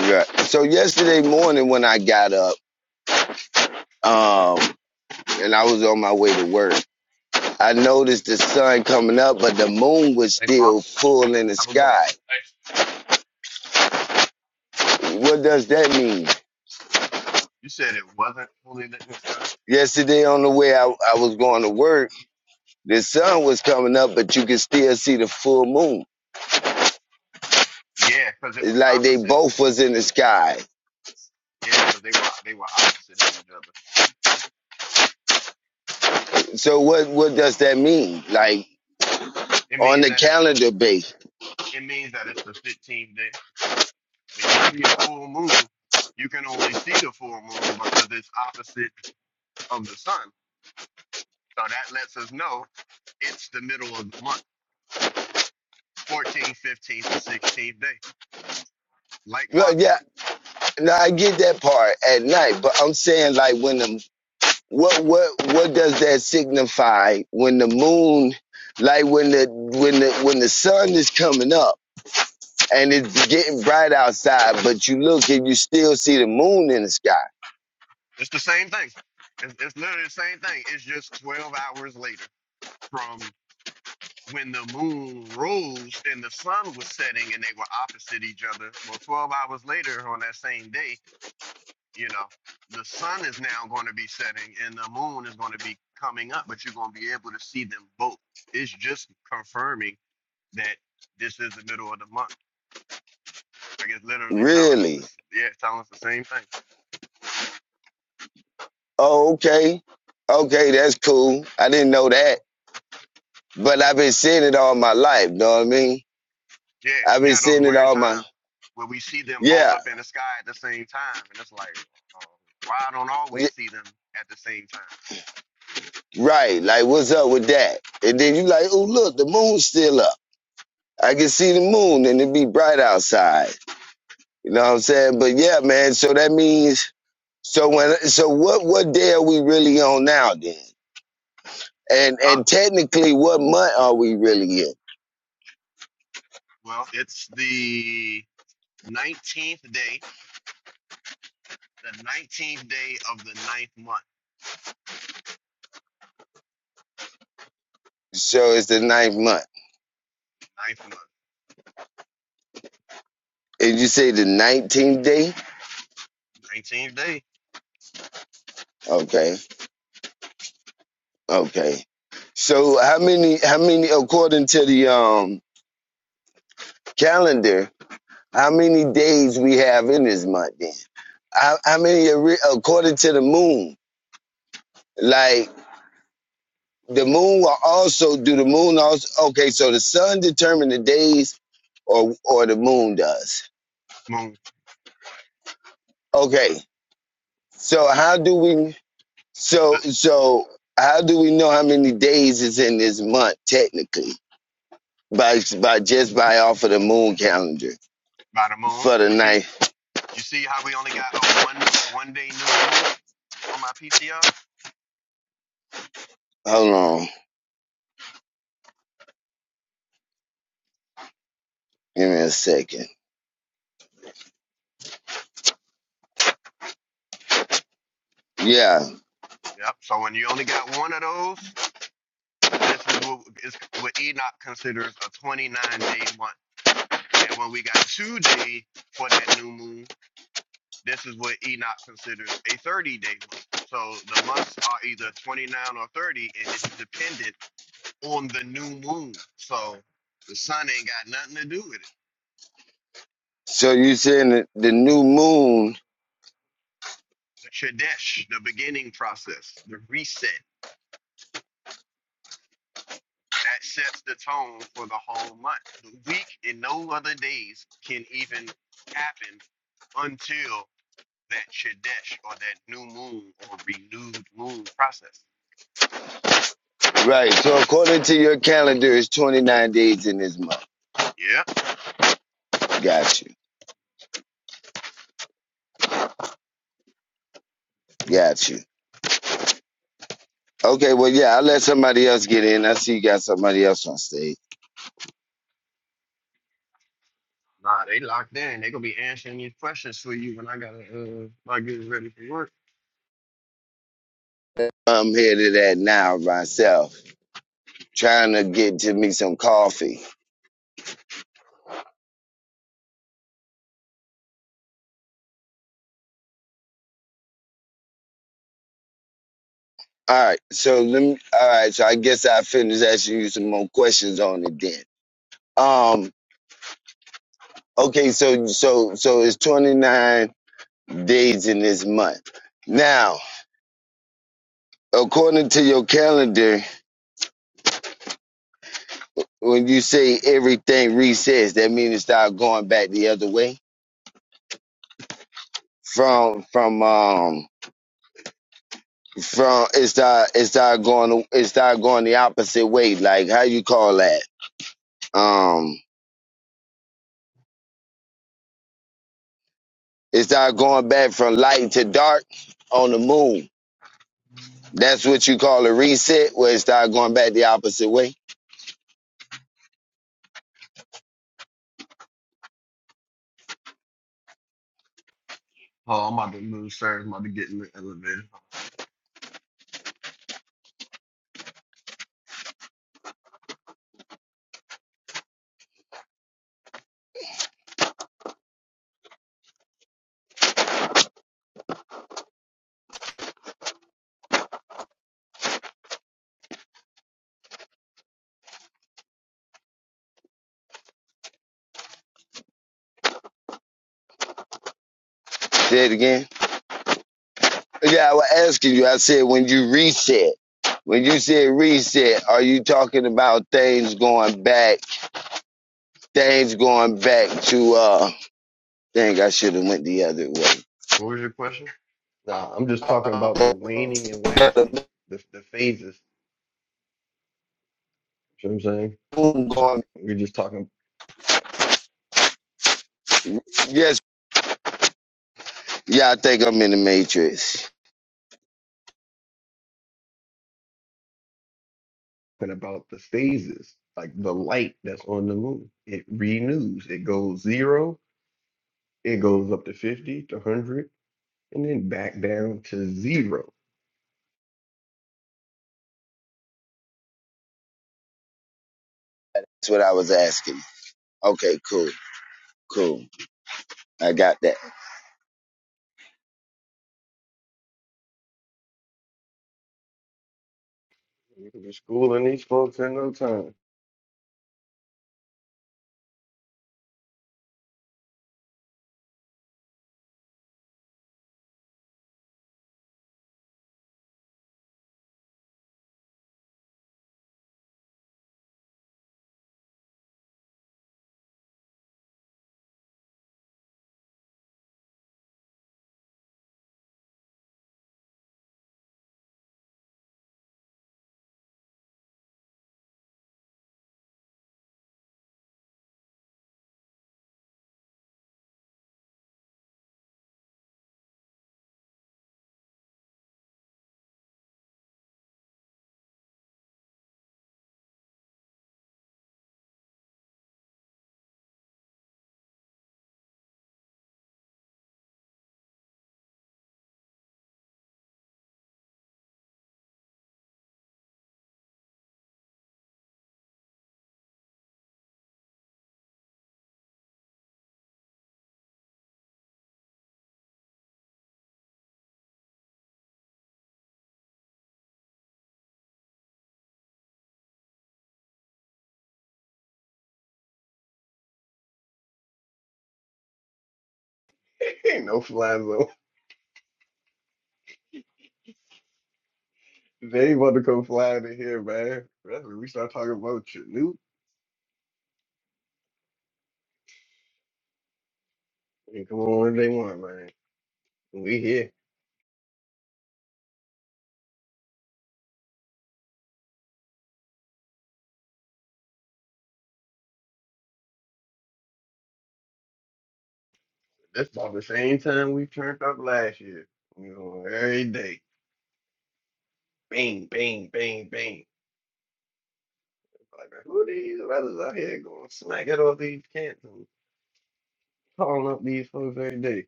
D: Right. So yesterday morning when I got up, um, and I was on my way to work, I noticed the sun coming up, but the moon was
B: Thanks, boss.
D: still full in the
B: Have a good one.
D: sky. What does that mean?
B: You said it wasn't fully lit in the sky.
D: Yesterday on the way I, I was going to work, the sun was coming up, but you could still see the full moon.
B: Yeah, because it
D: It's
B: was
D: like they
B: opposite.
D: both was in the sky.
B: Yeah, because they were they were opposite of each other.
D: So what what does that mean? Like
B: It
D: on
B: means
D: the
B: that it's the,
D: calendar base?
B: it means that it's the 15th day. When you see a full moon, you can only see the full moon because it's opposite of the sun. So that lets us know it's the middle of the month, 14th, 15th, or 16th day, like
D: Well, yeah,
B: clockwork.
D: no, I get that part at night, but I'm saying like when the what what what does that signify when the moon, like when the when the when the sun is coming up and it's getting bright outside, but you look and you still see the moon in the sky.
B: It's the same thing. It's, it's literally the same thing. It's just 12 hours later from when the moon rose and the sun was setting and they were opposite each other. Well, 12 hours later on that same day, you know the sun is now going to be setting and the moon is going to be coming up but you're going to be able to see them both it's just confirming that this is the middle of the month i guess literally telling us
D: Really?
B: this yeah telling us the same thing
D: Oh, okay, okay, that's cool. I didn't know that, but I've been seeing it all my life. Know what I mean?
B: yeah
D: I've been
B: yeah those
D: seeing it
B: weird
D: all my
B: times where we see them both
D: yeah.
B: up in the sky at the same time and it's like uh, why i don't
D: Yeah,
B: always see them at the same time
D: right. Like, what's up with that? And then you like, oh look, the moon's still up. I can see the moon, and it be bright outside. You know what I'm saying? But yeah, man. So that means so when so what what day are we really on now then? And
B: uh
D: and technically, what month are we really in?
B: well it's the 19th day the 19th day of the ninth month
D: So it's the ninth month.
B: ninth month
D: And you say the nineteenth day?
B: 19th day
D: Okay, okay. So how many how many according to the um calendar? How many days we have in this month then? I, I mean, according to the moon, like the moon will also do the moon also. Okay, so the sun determines the days, or or the moon does.
B: moon.
D: Okay, so how do we? So
B: This-
D: so how do we know how many days is in this month technically? By by just by off of the moon calendar
B: By the moon.
D: for the
B: You see,
D: night.
B: you see how we only got a one one day new moon on my PTR.
D: Hold on, give me a second. Yeah.
B: Yep. So when you only got one of those, this is what is what Enoch considers a 29 day month. And when we got two day for that new moon, this is what Enoch considers a 30 day month. So the months are either 29 or 30, and it's dependent on the new moon. So the sun ain't got nothing to do with it.
D: So you saying that the new moon
B: the Chodesh, the beginning process, the reset that sets the tone for the whole month. The week and no other days can even happen until that Chodesh or that new moon or renewed moon process.
D: Right. So according to your calendar, it's 29 days in this month.
B: Yep.
D: Got you.
B: Mm.
D: Got you. Okay. Well, yeah, I'll let somebody else get in. I see you got somebody else on stage.
B: Nah, they locked in. They gonna be answering these questions for you when I gotta uh I get ready for work.
D: I'm here to that now myself, trying to get to me some coffee. All right. So let me. All right. So I guess I finish asking you some more questions on it then. Um. Okay. So so so it's 29 days in this month. Now, according to your calendar. when you say everything resets, that means it start going back the other way. From from um from it start it start going it start going the opposite way. Like how you call that? Um, it start going back from light to dark on the moon. That's what you call a reset, where it start going back the opposite way.
B: Oh, I'm about to move, sir. I'm about to get in the elevator.
D: Say it again. Yeah, I was asking you. I said when you reset, when you said reset, are you talking about things going back? things going back to uh dang I should have went the other way.
B: What was your question? Nah, I'm just talking about the waning and waxing, the the phases. You know what I'm saying? We're just talking
D: Yes, yeah, I think I'm in the matrix.
B: about the phases, like the light that's on the moon. It renews. It goes zero. It goes up to fifty to one hundred, and then back down to zero.
D: That's what I was asking. Okay, cool, cool. I got that.
B: We're schooling these folks in no time. (laughs) Ain't no fly zone. They want to come flying in here, man. That's when we start talking about Chinook. And come on, they want, man. We here. That's about the same time we turned up last year. You know, every day, bang, bang, bang, bang. Like, who are these brothers out here going smacking all these cats and calling up these folks every day?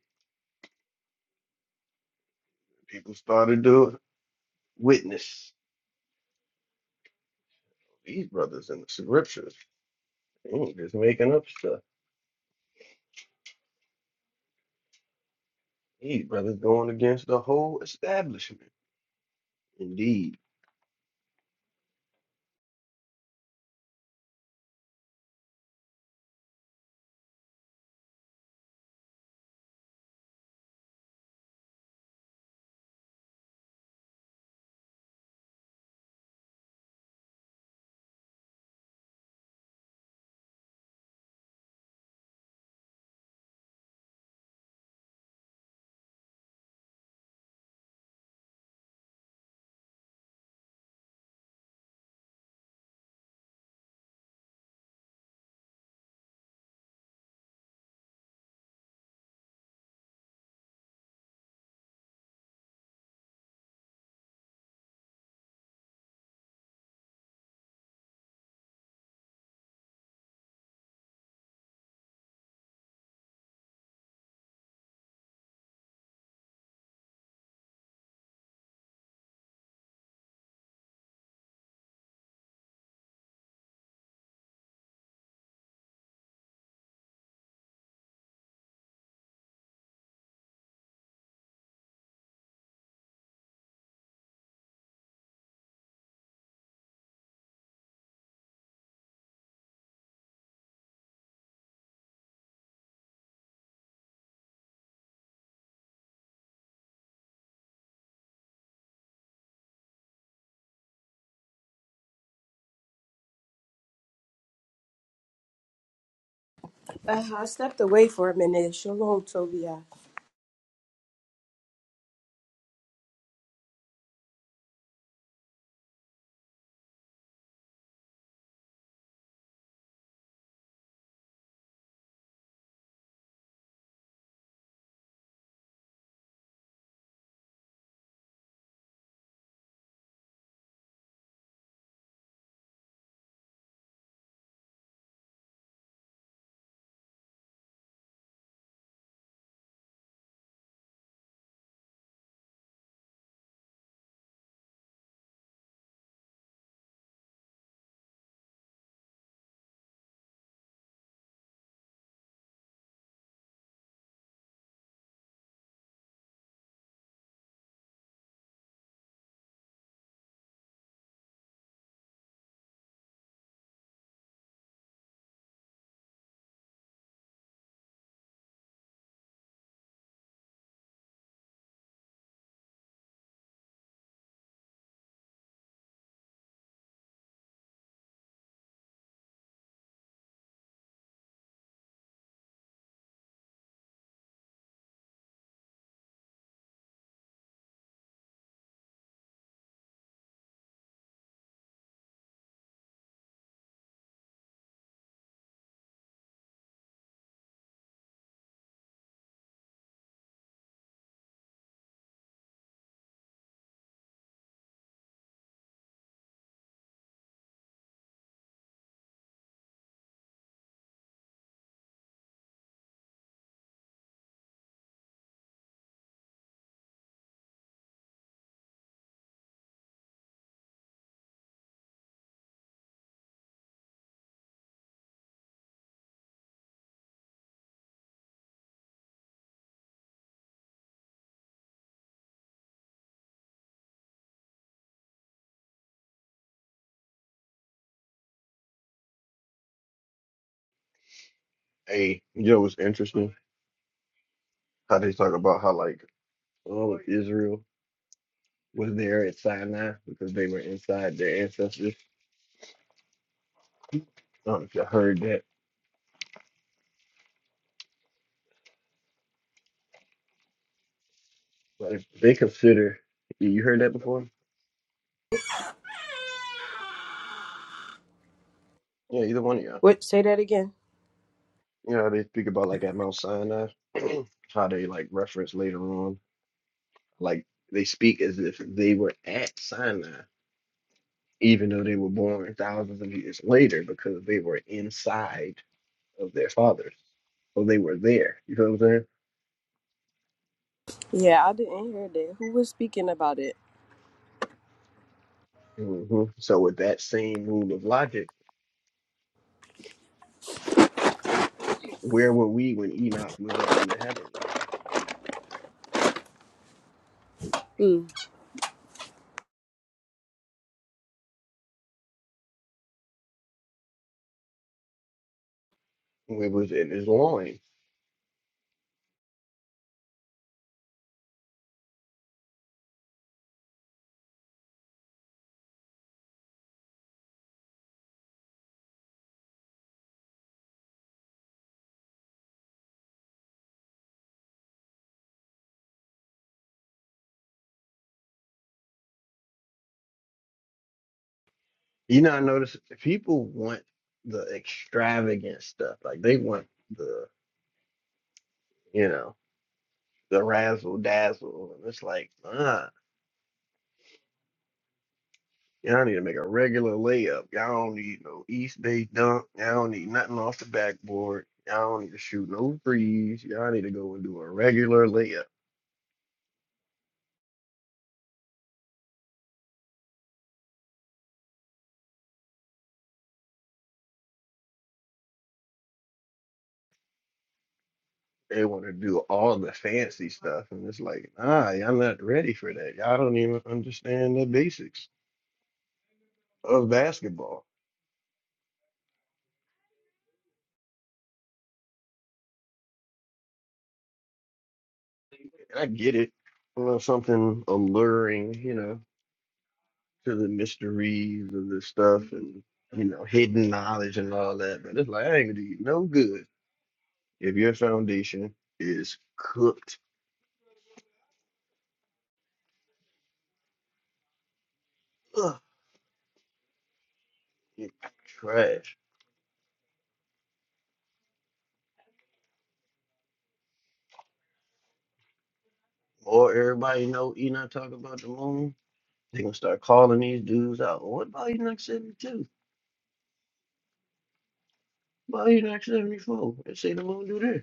B: People started to witness these brothers in the scriptures. They ain't just making up stuff. These brothers going against the whole establishment. Indeed.
A: Uh, I stepped away for a minute. Shalom, Tobiah.
B: Hey, you know what's interesting? How they talk about how like all of Israel was there at Sinai because they were inside their ancestors. I don't know if you heard that, but if they consider you you heard that before? Yeah, either one of y'all.
A: What? Say that again.
B: You know, they speak about like at Mount Sinai, (clears throat) how they like reference later on, like they speak as if they were at Sinai, even though they were born thousands of years later because they were inside of their fathers. So they were there. You know what I'm saying?
A: Yeah, I didn't hear that. Who was speaking about it?
B: hmm So with that same rule of logic, where were we when Enoch was up in the heavens?
A: Mm.
B: It was in his loins. You know, I notice people want the extravagant stuff. Like they want the, you know. the razzle dazzle. And it's like, uh, y'all need to make a regular layup. Y'all don't need no East Bay dunk. Y'all don't need nothing off the backboard. Y'all don't need to shoot no threes. Y'all need to go and do a regular layup. They want to do all the fancy stuff. And it's like, nah, y'all not ready for that. Y'all don't even understand the basics of basketball. And I get it. You know, something alluring, you know. to the mysteries of this stuff and you know hidden knowledge and all that. But it's like I ain't gonna do you no good if your foundation is cooked up in trash. Or everybody know Enoch talk about the moon. They gonna start calling these dudes out. "Well, What about Enoch seventy two? What about Enoch seventy four? They say the moon do this.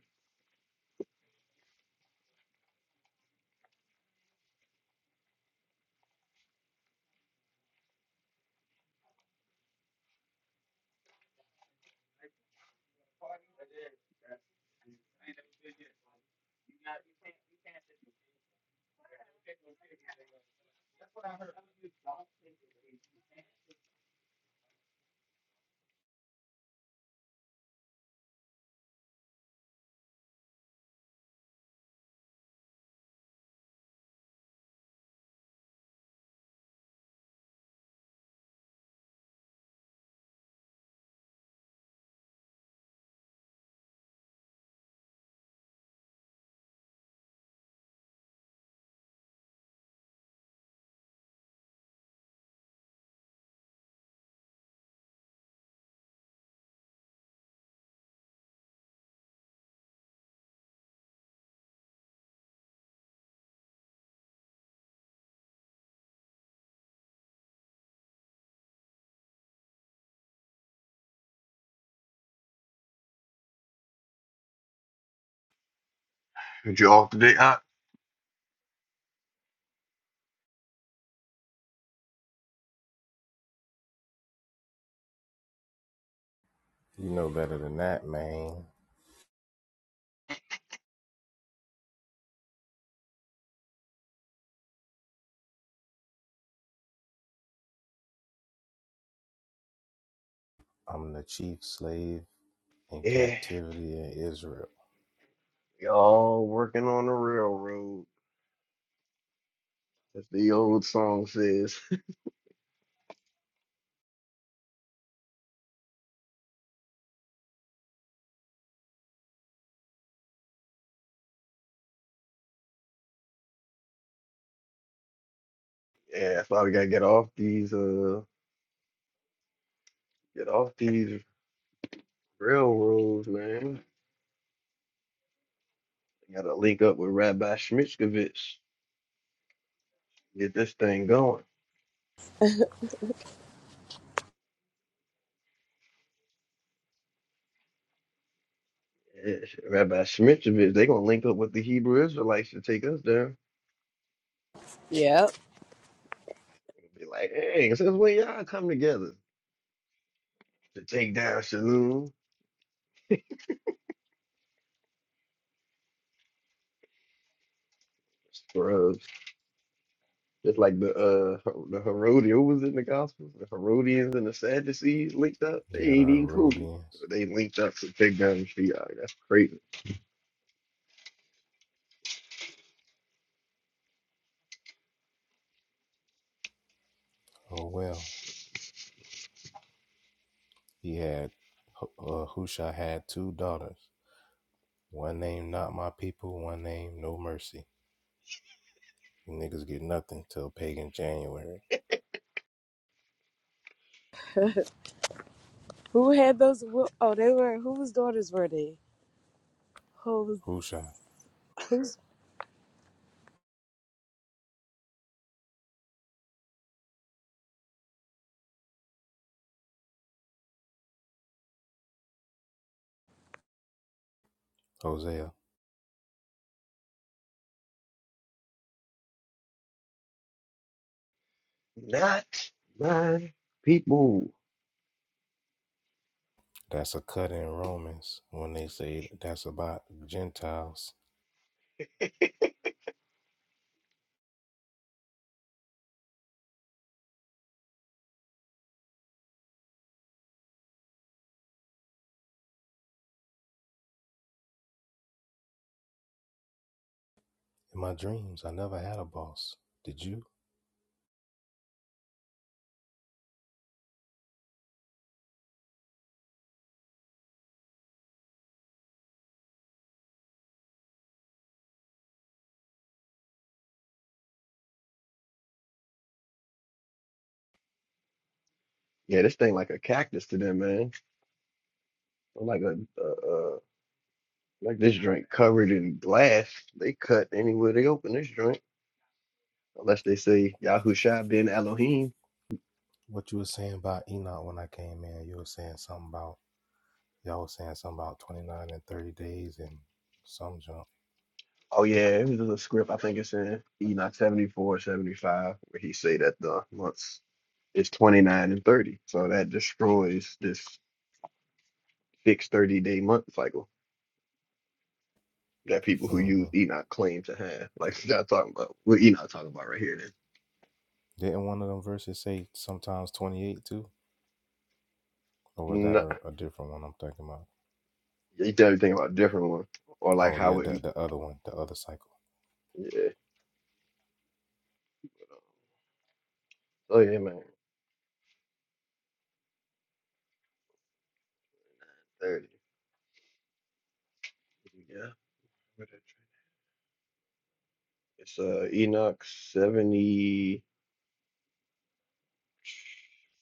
B: Did you off today? I,
E: You know better than that, man. I'm the chief slave in
B: yeah,
E: captivity in Israel.
B: y'all working on the railroad, as the old song says. (laughs) yeah, that's why we gotta get off these. uh. Get off these railroads, man. Gotta link up with Rabbi Shmitskovich. Get this thing going. Yes, Rabbi Shmitskovich, they gonna link up with the Hebrew Israelites to take us down.
A: Yep.
B: Be like, hey, since when y'all come together to take down Shalom? Scrubs. Just like the uh Her- the Herodians, who was in the Gospels? The Herodians and the Sadducees linked up. They
E: Yeah, the
B: ain't even cool.
E: Herodians.
B: But they linked up to take down the Shiite. That's crazy.
E: Oh well, he had uh, Husha had two daughters. One named Not My People. One named No Mercy. You niggas get nothing till pagan January.
A: Who had those? wh- Oh, they were. Whose daughters were they? Who's,
E: Husha,
A: who's,
E: Hosea.
B: Not my people.
E: That's a cut in Romans when they say that's about Gentiles. In my dreams, I never had a boss. Did you?
B: Yeah, this thing like a cactus to them, man. Or Like a uh, uh, like this drink covered in glass. They cut anywhere they open this drink, unless they say Yahusha ben Elohim.
E: What you were saying about Enoch when I came in? You were saying something about Y'all was saying something about 29 and 30 days and some jump.
B: Oh yeah, it was a script. I think it's in Enoch 74, 75, where he say that the months is 29 and 30. So that destroys this fixed 30 day month cycle that people who
E: hmm
B: use Enoch claim to have. Like (laughs) y'all talking about what Enoch talking about right here then.
E: Didn't one of them verses say sometimes 28 too? Or was that
B: Nah,
E: a, a different one I'm thinking about?
B: you tell me think about a different one or like
E: Oh, yeah,
B: how it
E: the, the other one, the other cycle.
B: Yeah. but, um, Oh yeah, man. Thirty. Yeah. It's uh Enoch seventy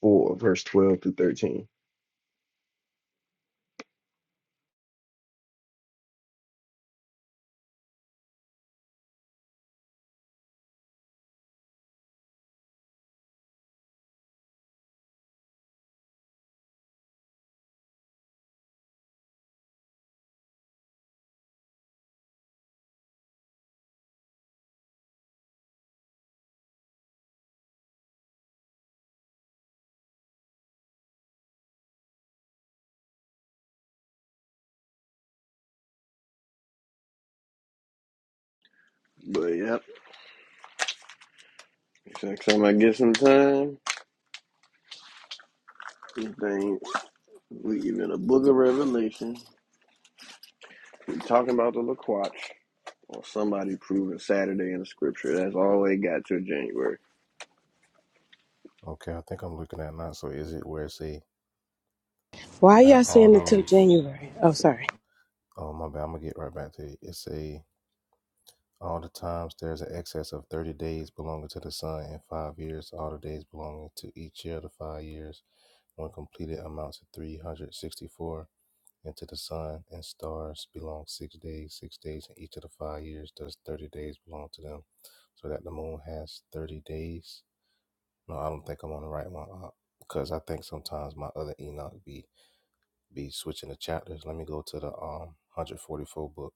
B: four, verse twelve to thirteen. But yep. Next time I get some time, these things we even a book of Revelation. We talking about the Laquatch or somebody proving Saturday in the scripture. That's all they got till January.
E: Okay, I think I'm looking at it now. So is it where it say,
A: why
E: at
A: y'all
E: all
A: saying it took
E: those,
A: January? Oh, sorry.
E: oh, my bad, I'm going to get right back to it. It say, all the times there's an excess of 30 days belonging to the sun and five years, all the days belonging to each year of the five years. When completed amounts to 364 And to the sun and stars belong six days, six days, and each of the five years does 30 days belong to them. So that the moon has 30 days. No, I don't think I'm on the right one. Uh, because I think sometimes my other Enoch be, be switching the chapters. Let me go to the um 144 book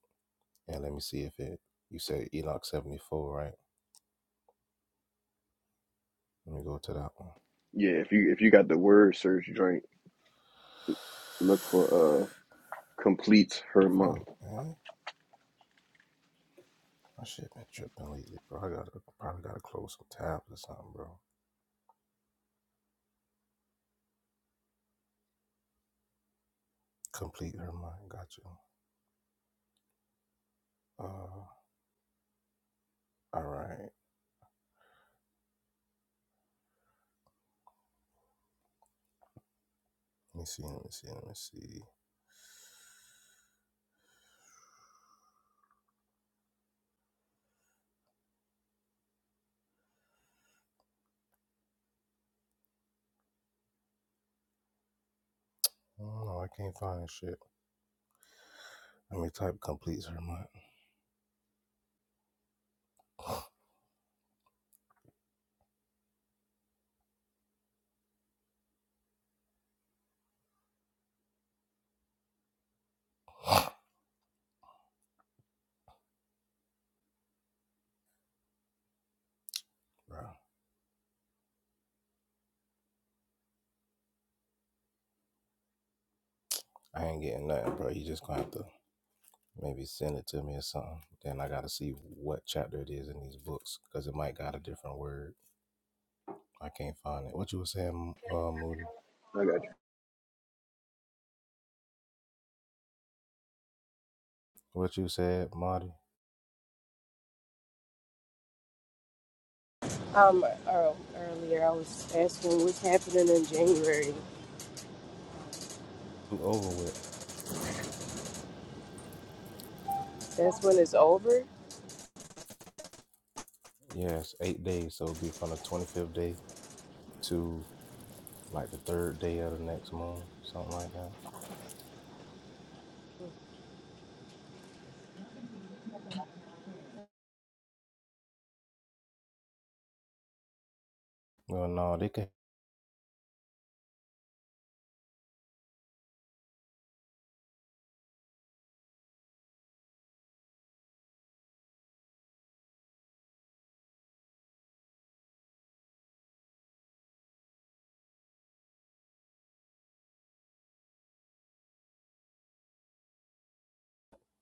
E: and let me see if it, you said Enoch 74, right? Let me go to that one.
B: Yeah, if you if you got the word search drink, look for uh completes her month.
E: Fuck, man. My shit been tripping lately, bro. I gotta, probably gotta close some tabs or something, bro. Complete her mind. Got you. Uh, all right. Let me see. Let me see. Let me see. Oh, no, I can't find this shit. Let me type complete Sermon. (laughs) bro, I ain't getting nothing, bro. You just gonna have to maybe send it to me or something. Then I gotta see what chapter it is in these books because it might got a different word. I can't find it. What you was saying, uh, Moody?
B: I got
E: What you said, Marty?
A: Um, ear- earlier I was asking what's happening in January.
E: You over with?
A: That's when it's over.
E: Yes, yeah, eight days. So it'd be from the twenty fifth day to like the third day of the next month, something like that. Well, no, they could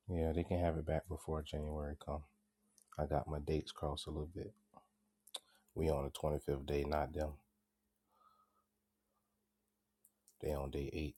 E: Yeah, they can have it back before January come. I got my dates crossed a little bit. We on the 25th day, not them. They on day eight.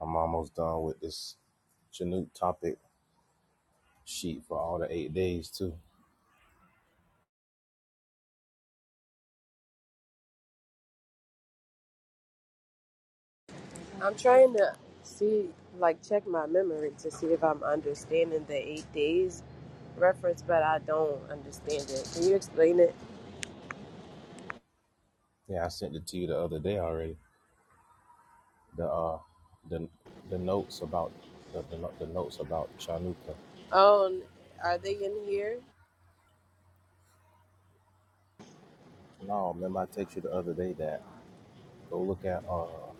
E: I'm almost done with this Chinook topic sheet for all the eight days too.
A: I'm trying to see, like, check my memory to see if I'm understanding the eight days reference, but I don't understand it. Can you explain it?
E: Yeah, I sent it to you the other day already. The uh, the the notes about the the, no- the notes about Chanukah.
A: Oh, are they in here?
E: No, remember I text you the other day that go look at uh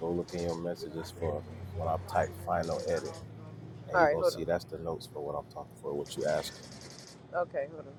E: go look in your messages for when I type final edit and
A: All
E: you're
A: right,
E: gonna
A: hold on.
E: see that's the notes for what I'm talking for what you asking.
A: Okay, hold on.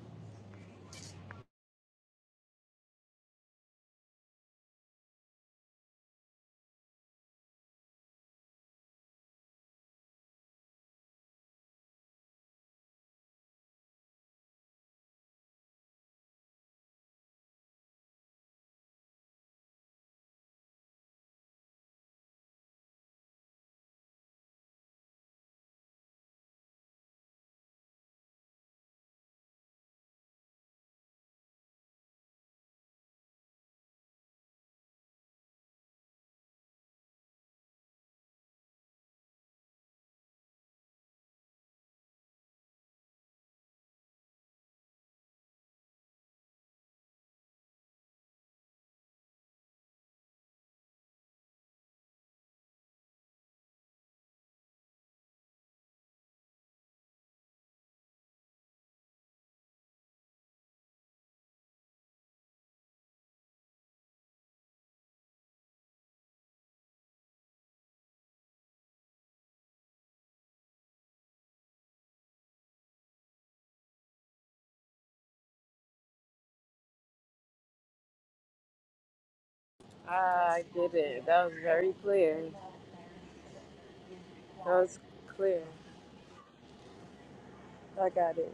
A: I did it. That was very clear. That was clear. I got it.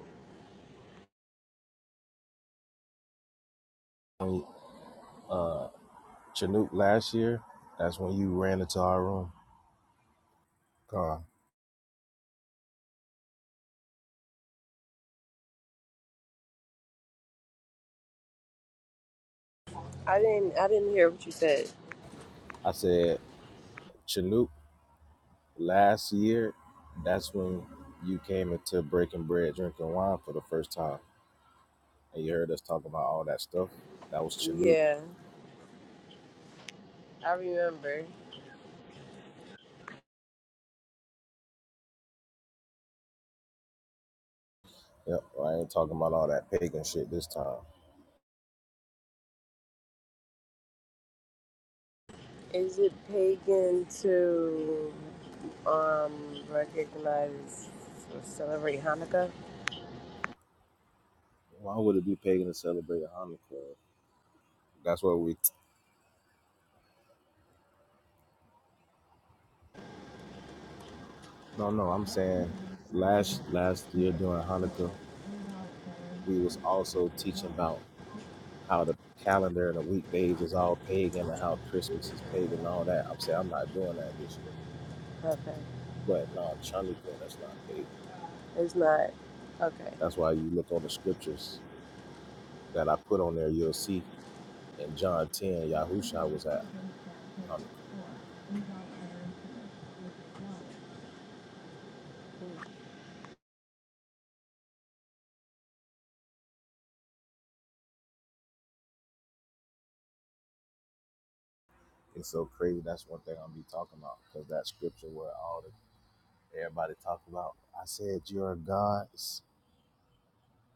E: Uh, Chinook last year. That's when you ran into our room. God.
A: I didn't. I didn't hear what you said.
E: I said, Chinook last year. That's when you came into breaking bread, drinking wine for the first time, and you heard us talk about all that stuff. That was Chinook.
A: Yeah, I remember.
E: Yep, I ain't talking about all that pagan shit this time.
A: Is it pagan to um recognize or celebrate Hanukkah?
E: Why would it be pagan to celebrate Hanukkah? That's what we. T- no, no, I'm saying last last year during Hanukkah, we was also teaching about how the calendar and the weekdays is all pagan and how Christmas is pagan and all that. I'm saying I'm not doing that this year.
A: Okay.
E: But no, Chanukah, that's not pagan.
A: It's not. Okay.
E: That's why you look on the scriptures that I put on there, you'll see in John 10, Yahusha was at Hanukkah. It's so crazy. That's one thing I'll be talking about because that scripture where all the everybody talk about, I said, You're gods.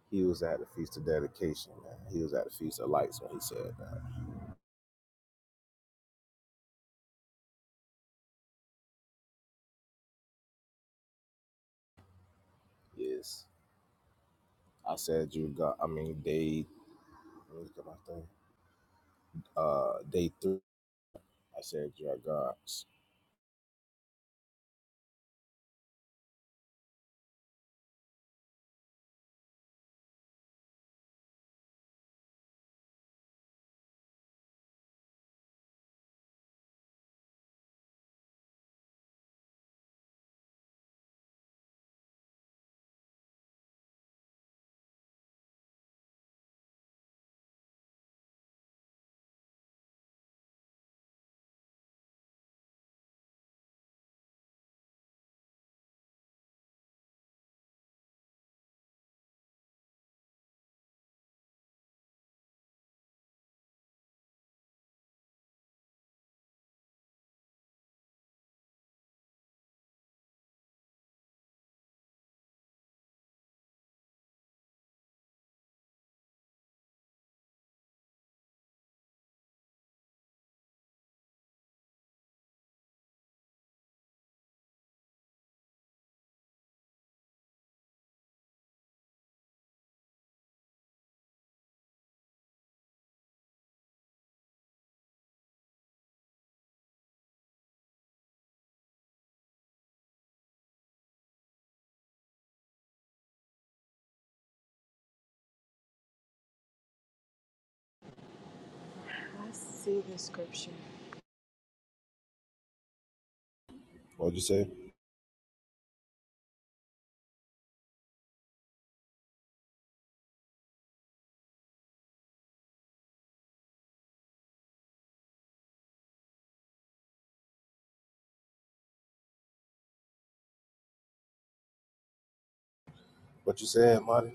E: He was at the Feast of Dedication, man. He was at the Feast of Lights when he said that. Yes. I said, You God. I mean, they, let me look at my thing. uh day three. I said, "Your gods."
A: Let's see the scripture.
E: What'd you say? What you said, Marty?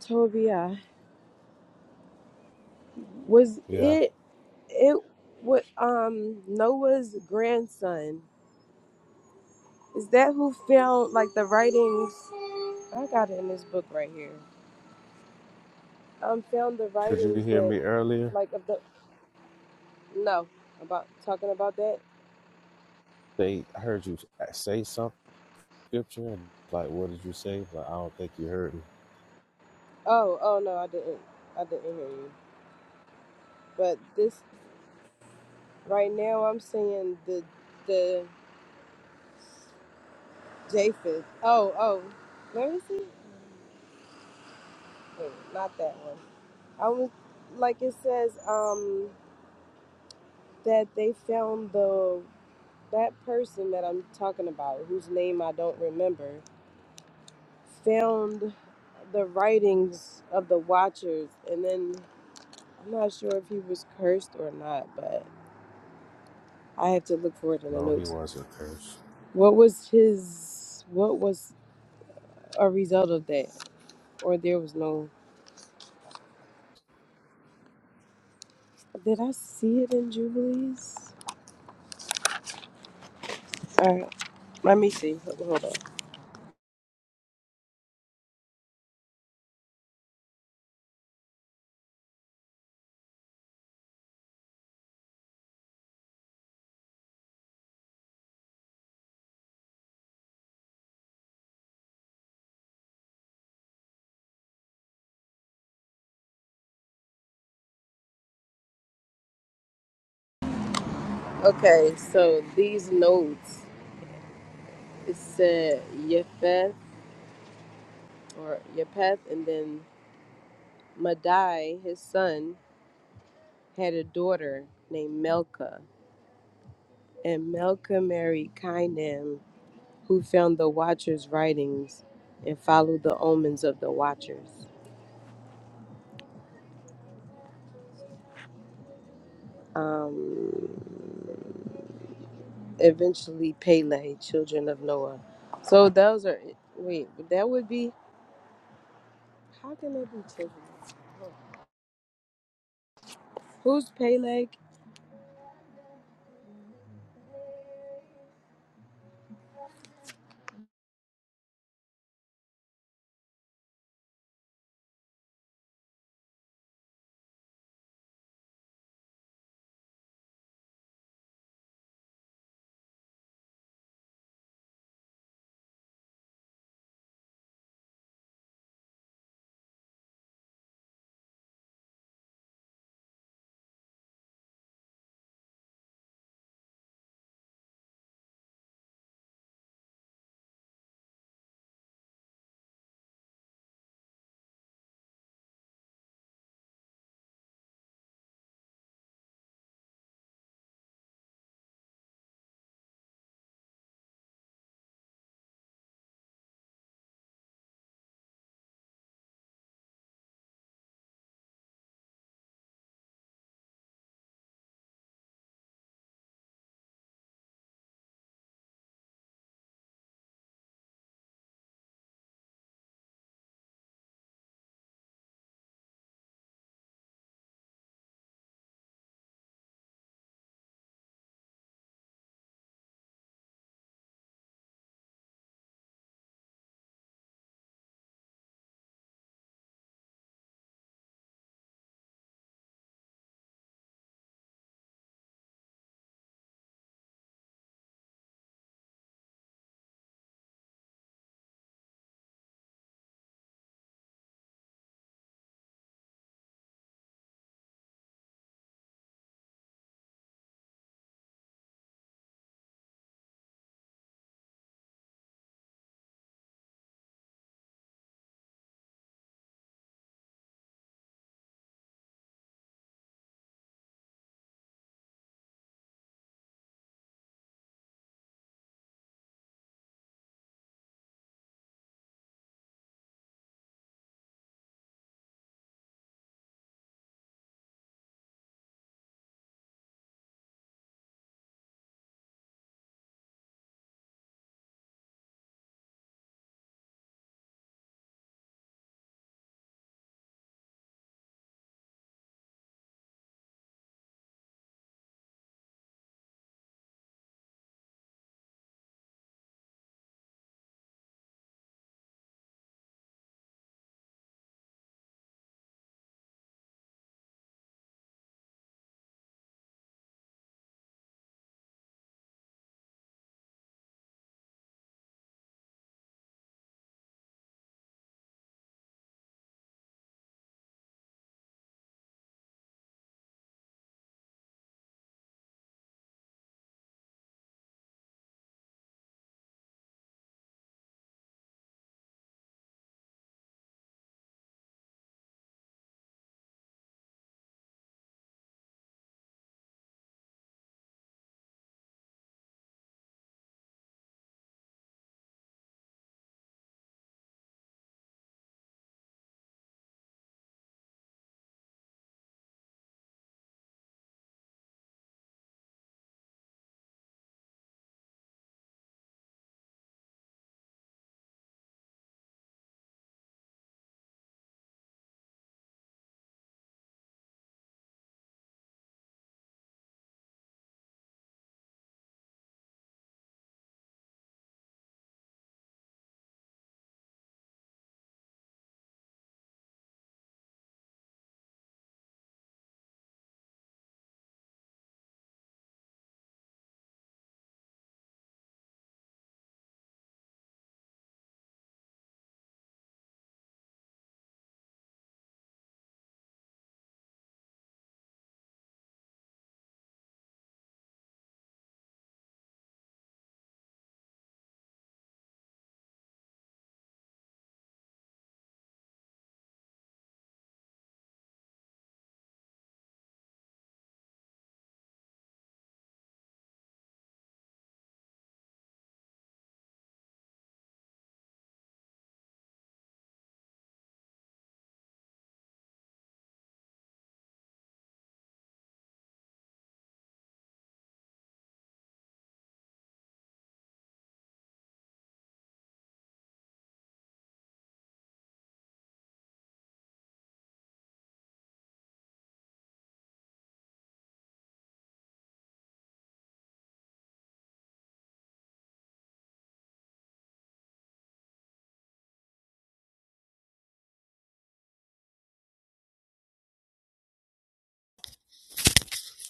A: Tobiah was
E: Yeah.
A: it it what um Noah's grandson. Is that who found like the writings I got it in this book right here. Um found the
E: Could you
A: writings
E: hear
A: that
E: me earlier?
A: like of the no about talking about that.
E: They, I heard you say something scripture. Like, what did you say? Like, I don't think you heard me.
A: Oh, oh no, I didn't. I didn't hear you. But this right now I'm saying the the Japheth. Oh, oh. Where is he? Wait, not that one. I was like it says um that they found the that person that I'm talking about whose name I don't remember found the writings of the watchers and then I'm not sure if he was cursed or not but I have to look for it in the
E: No, he
A: notes.
E: wasn't cursed.
A: What was his what was a result of that or there was no did I see it in Jubilees? All right, let me see. Hold hold on. Okay, so these notes It said Yefeth or Yepeth, and then Madai, his son, had a daughter named Melka, and Melka married Kainam, who found the Watchers' writings and followed the omens of the Watchers. Um, eventually, Pele, children of Noah. So those are wait, that would be how can they be children? Who's Pele?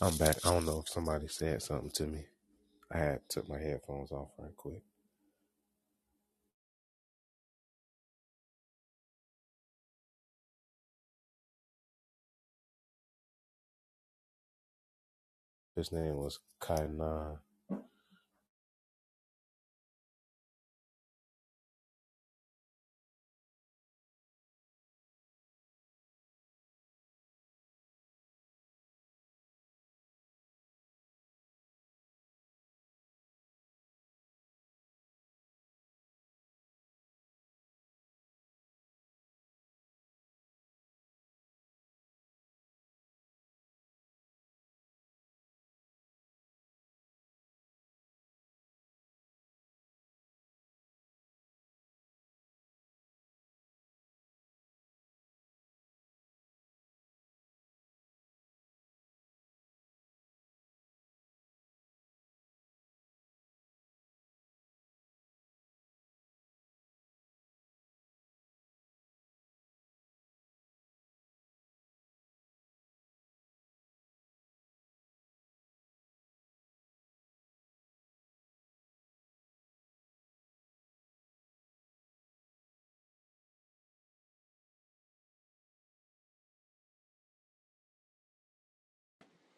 E: I'm back. I don't know if somebody said something to me. I had took my headphones off right quick. His name was Kainan.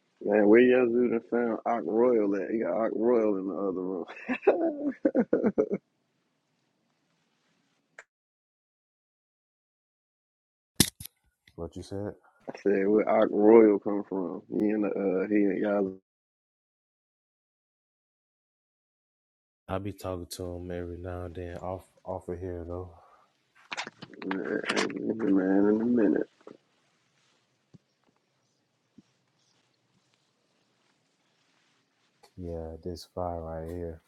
B: you. Man, where y'all dude done found Ock Royal at? He got Ock Royal in the other room.
E: What you said?
B: Said where Ark Royal come from? He and uh, he and y'all
E: I be talking to him every now and then off off of here though.
B: man in a minute.
E: Yeah, this fire right here.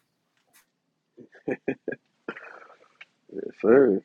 B: Yes, sir.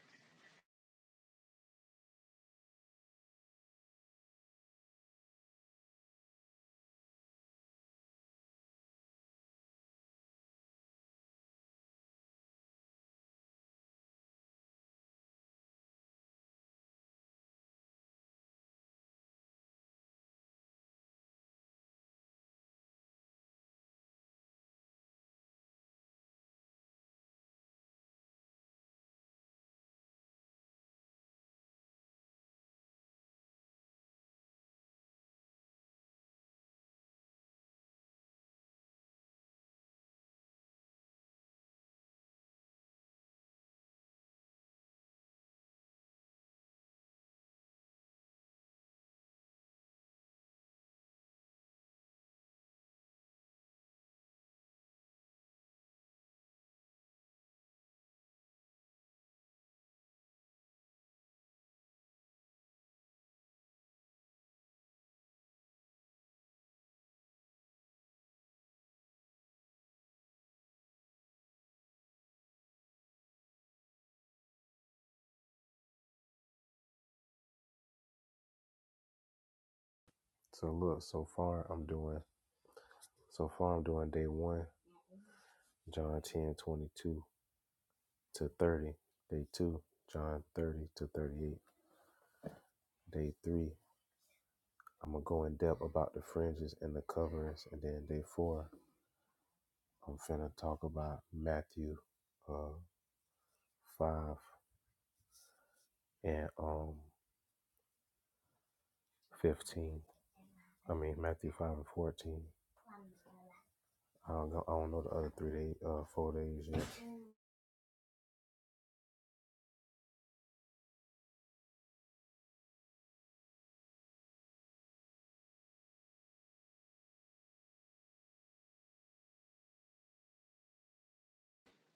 E: So look, so far I'm doing So far, I'm doing day one, John 10 22 to 30. Day two, John 30 to 38. Day three, I'm going to go in depth about the fringes and the coverings. And then day four, I'm finna talk about Matthew uh, 5 and um 15. I mean, Matthew 5 and 14. I don't, know, I don't know the other three days uh, four days yet.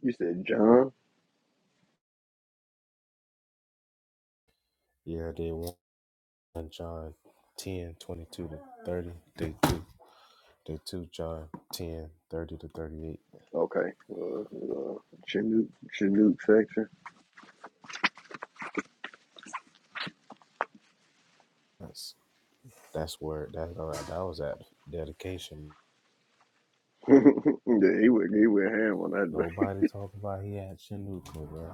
B: You said John.
E: Yeah, day one, John 10 22 to 30. Day two, The two John 10 30 to 38.
B: Okay. Uh, uh, Chinook Chinook section.
E: That's that's where that's uh, that was at dedication.
B: (laughs) yeah, he went he went ham on that.
E: Nobody talk about he had Chinooka, bro.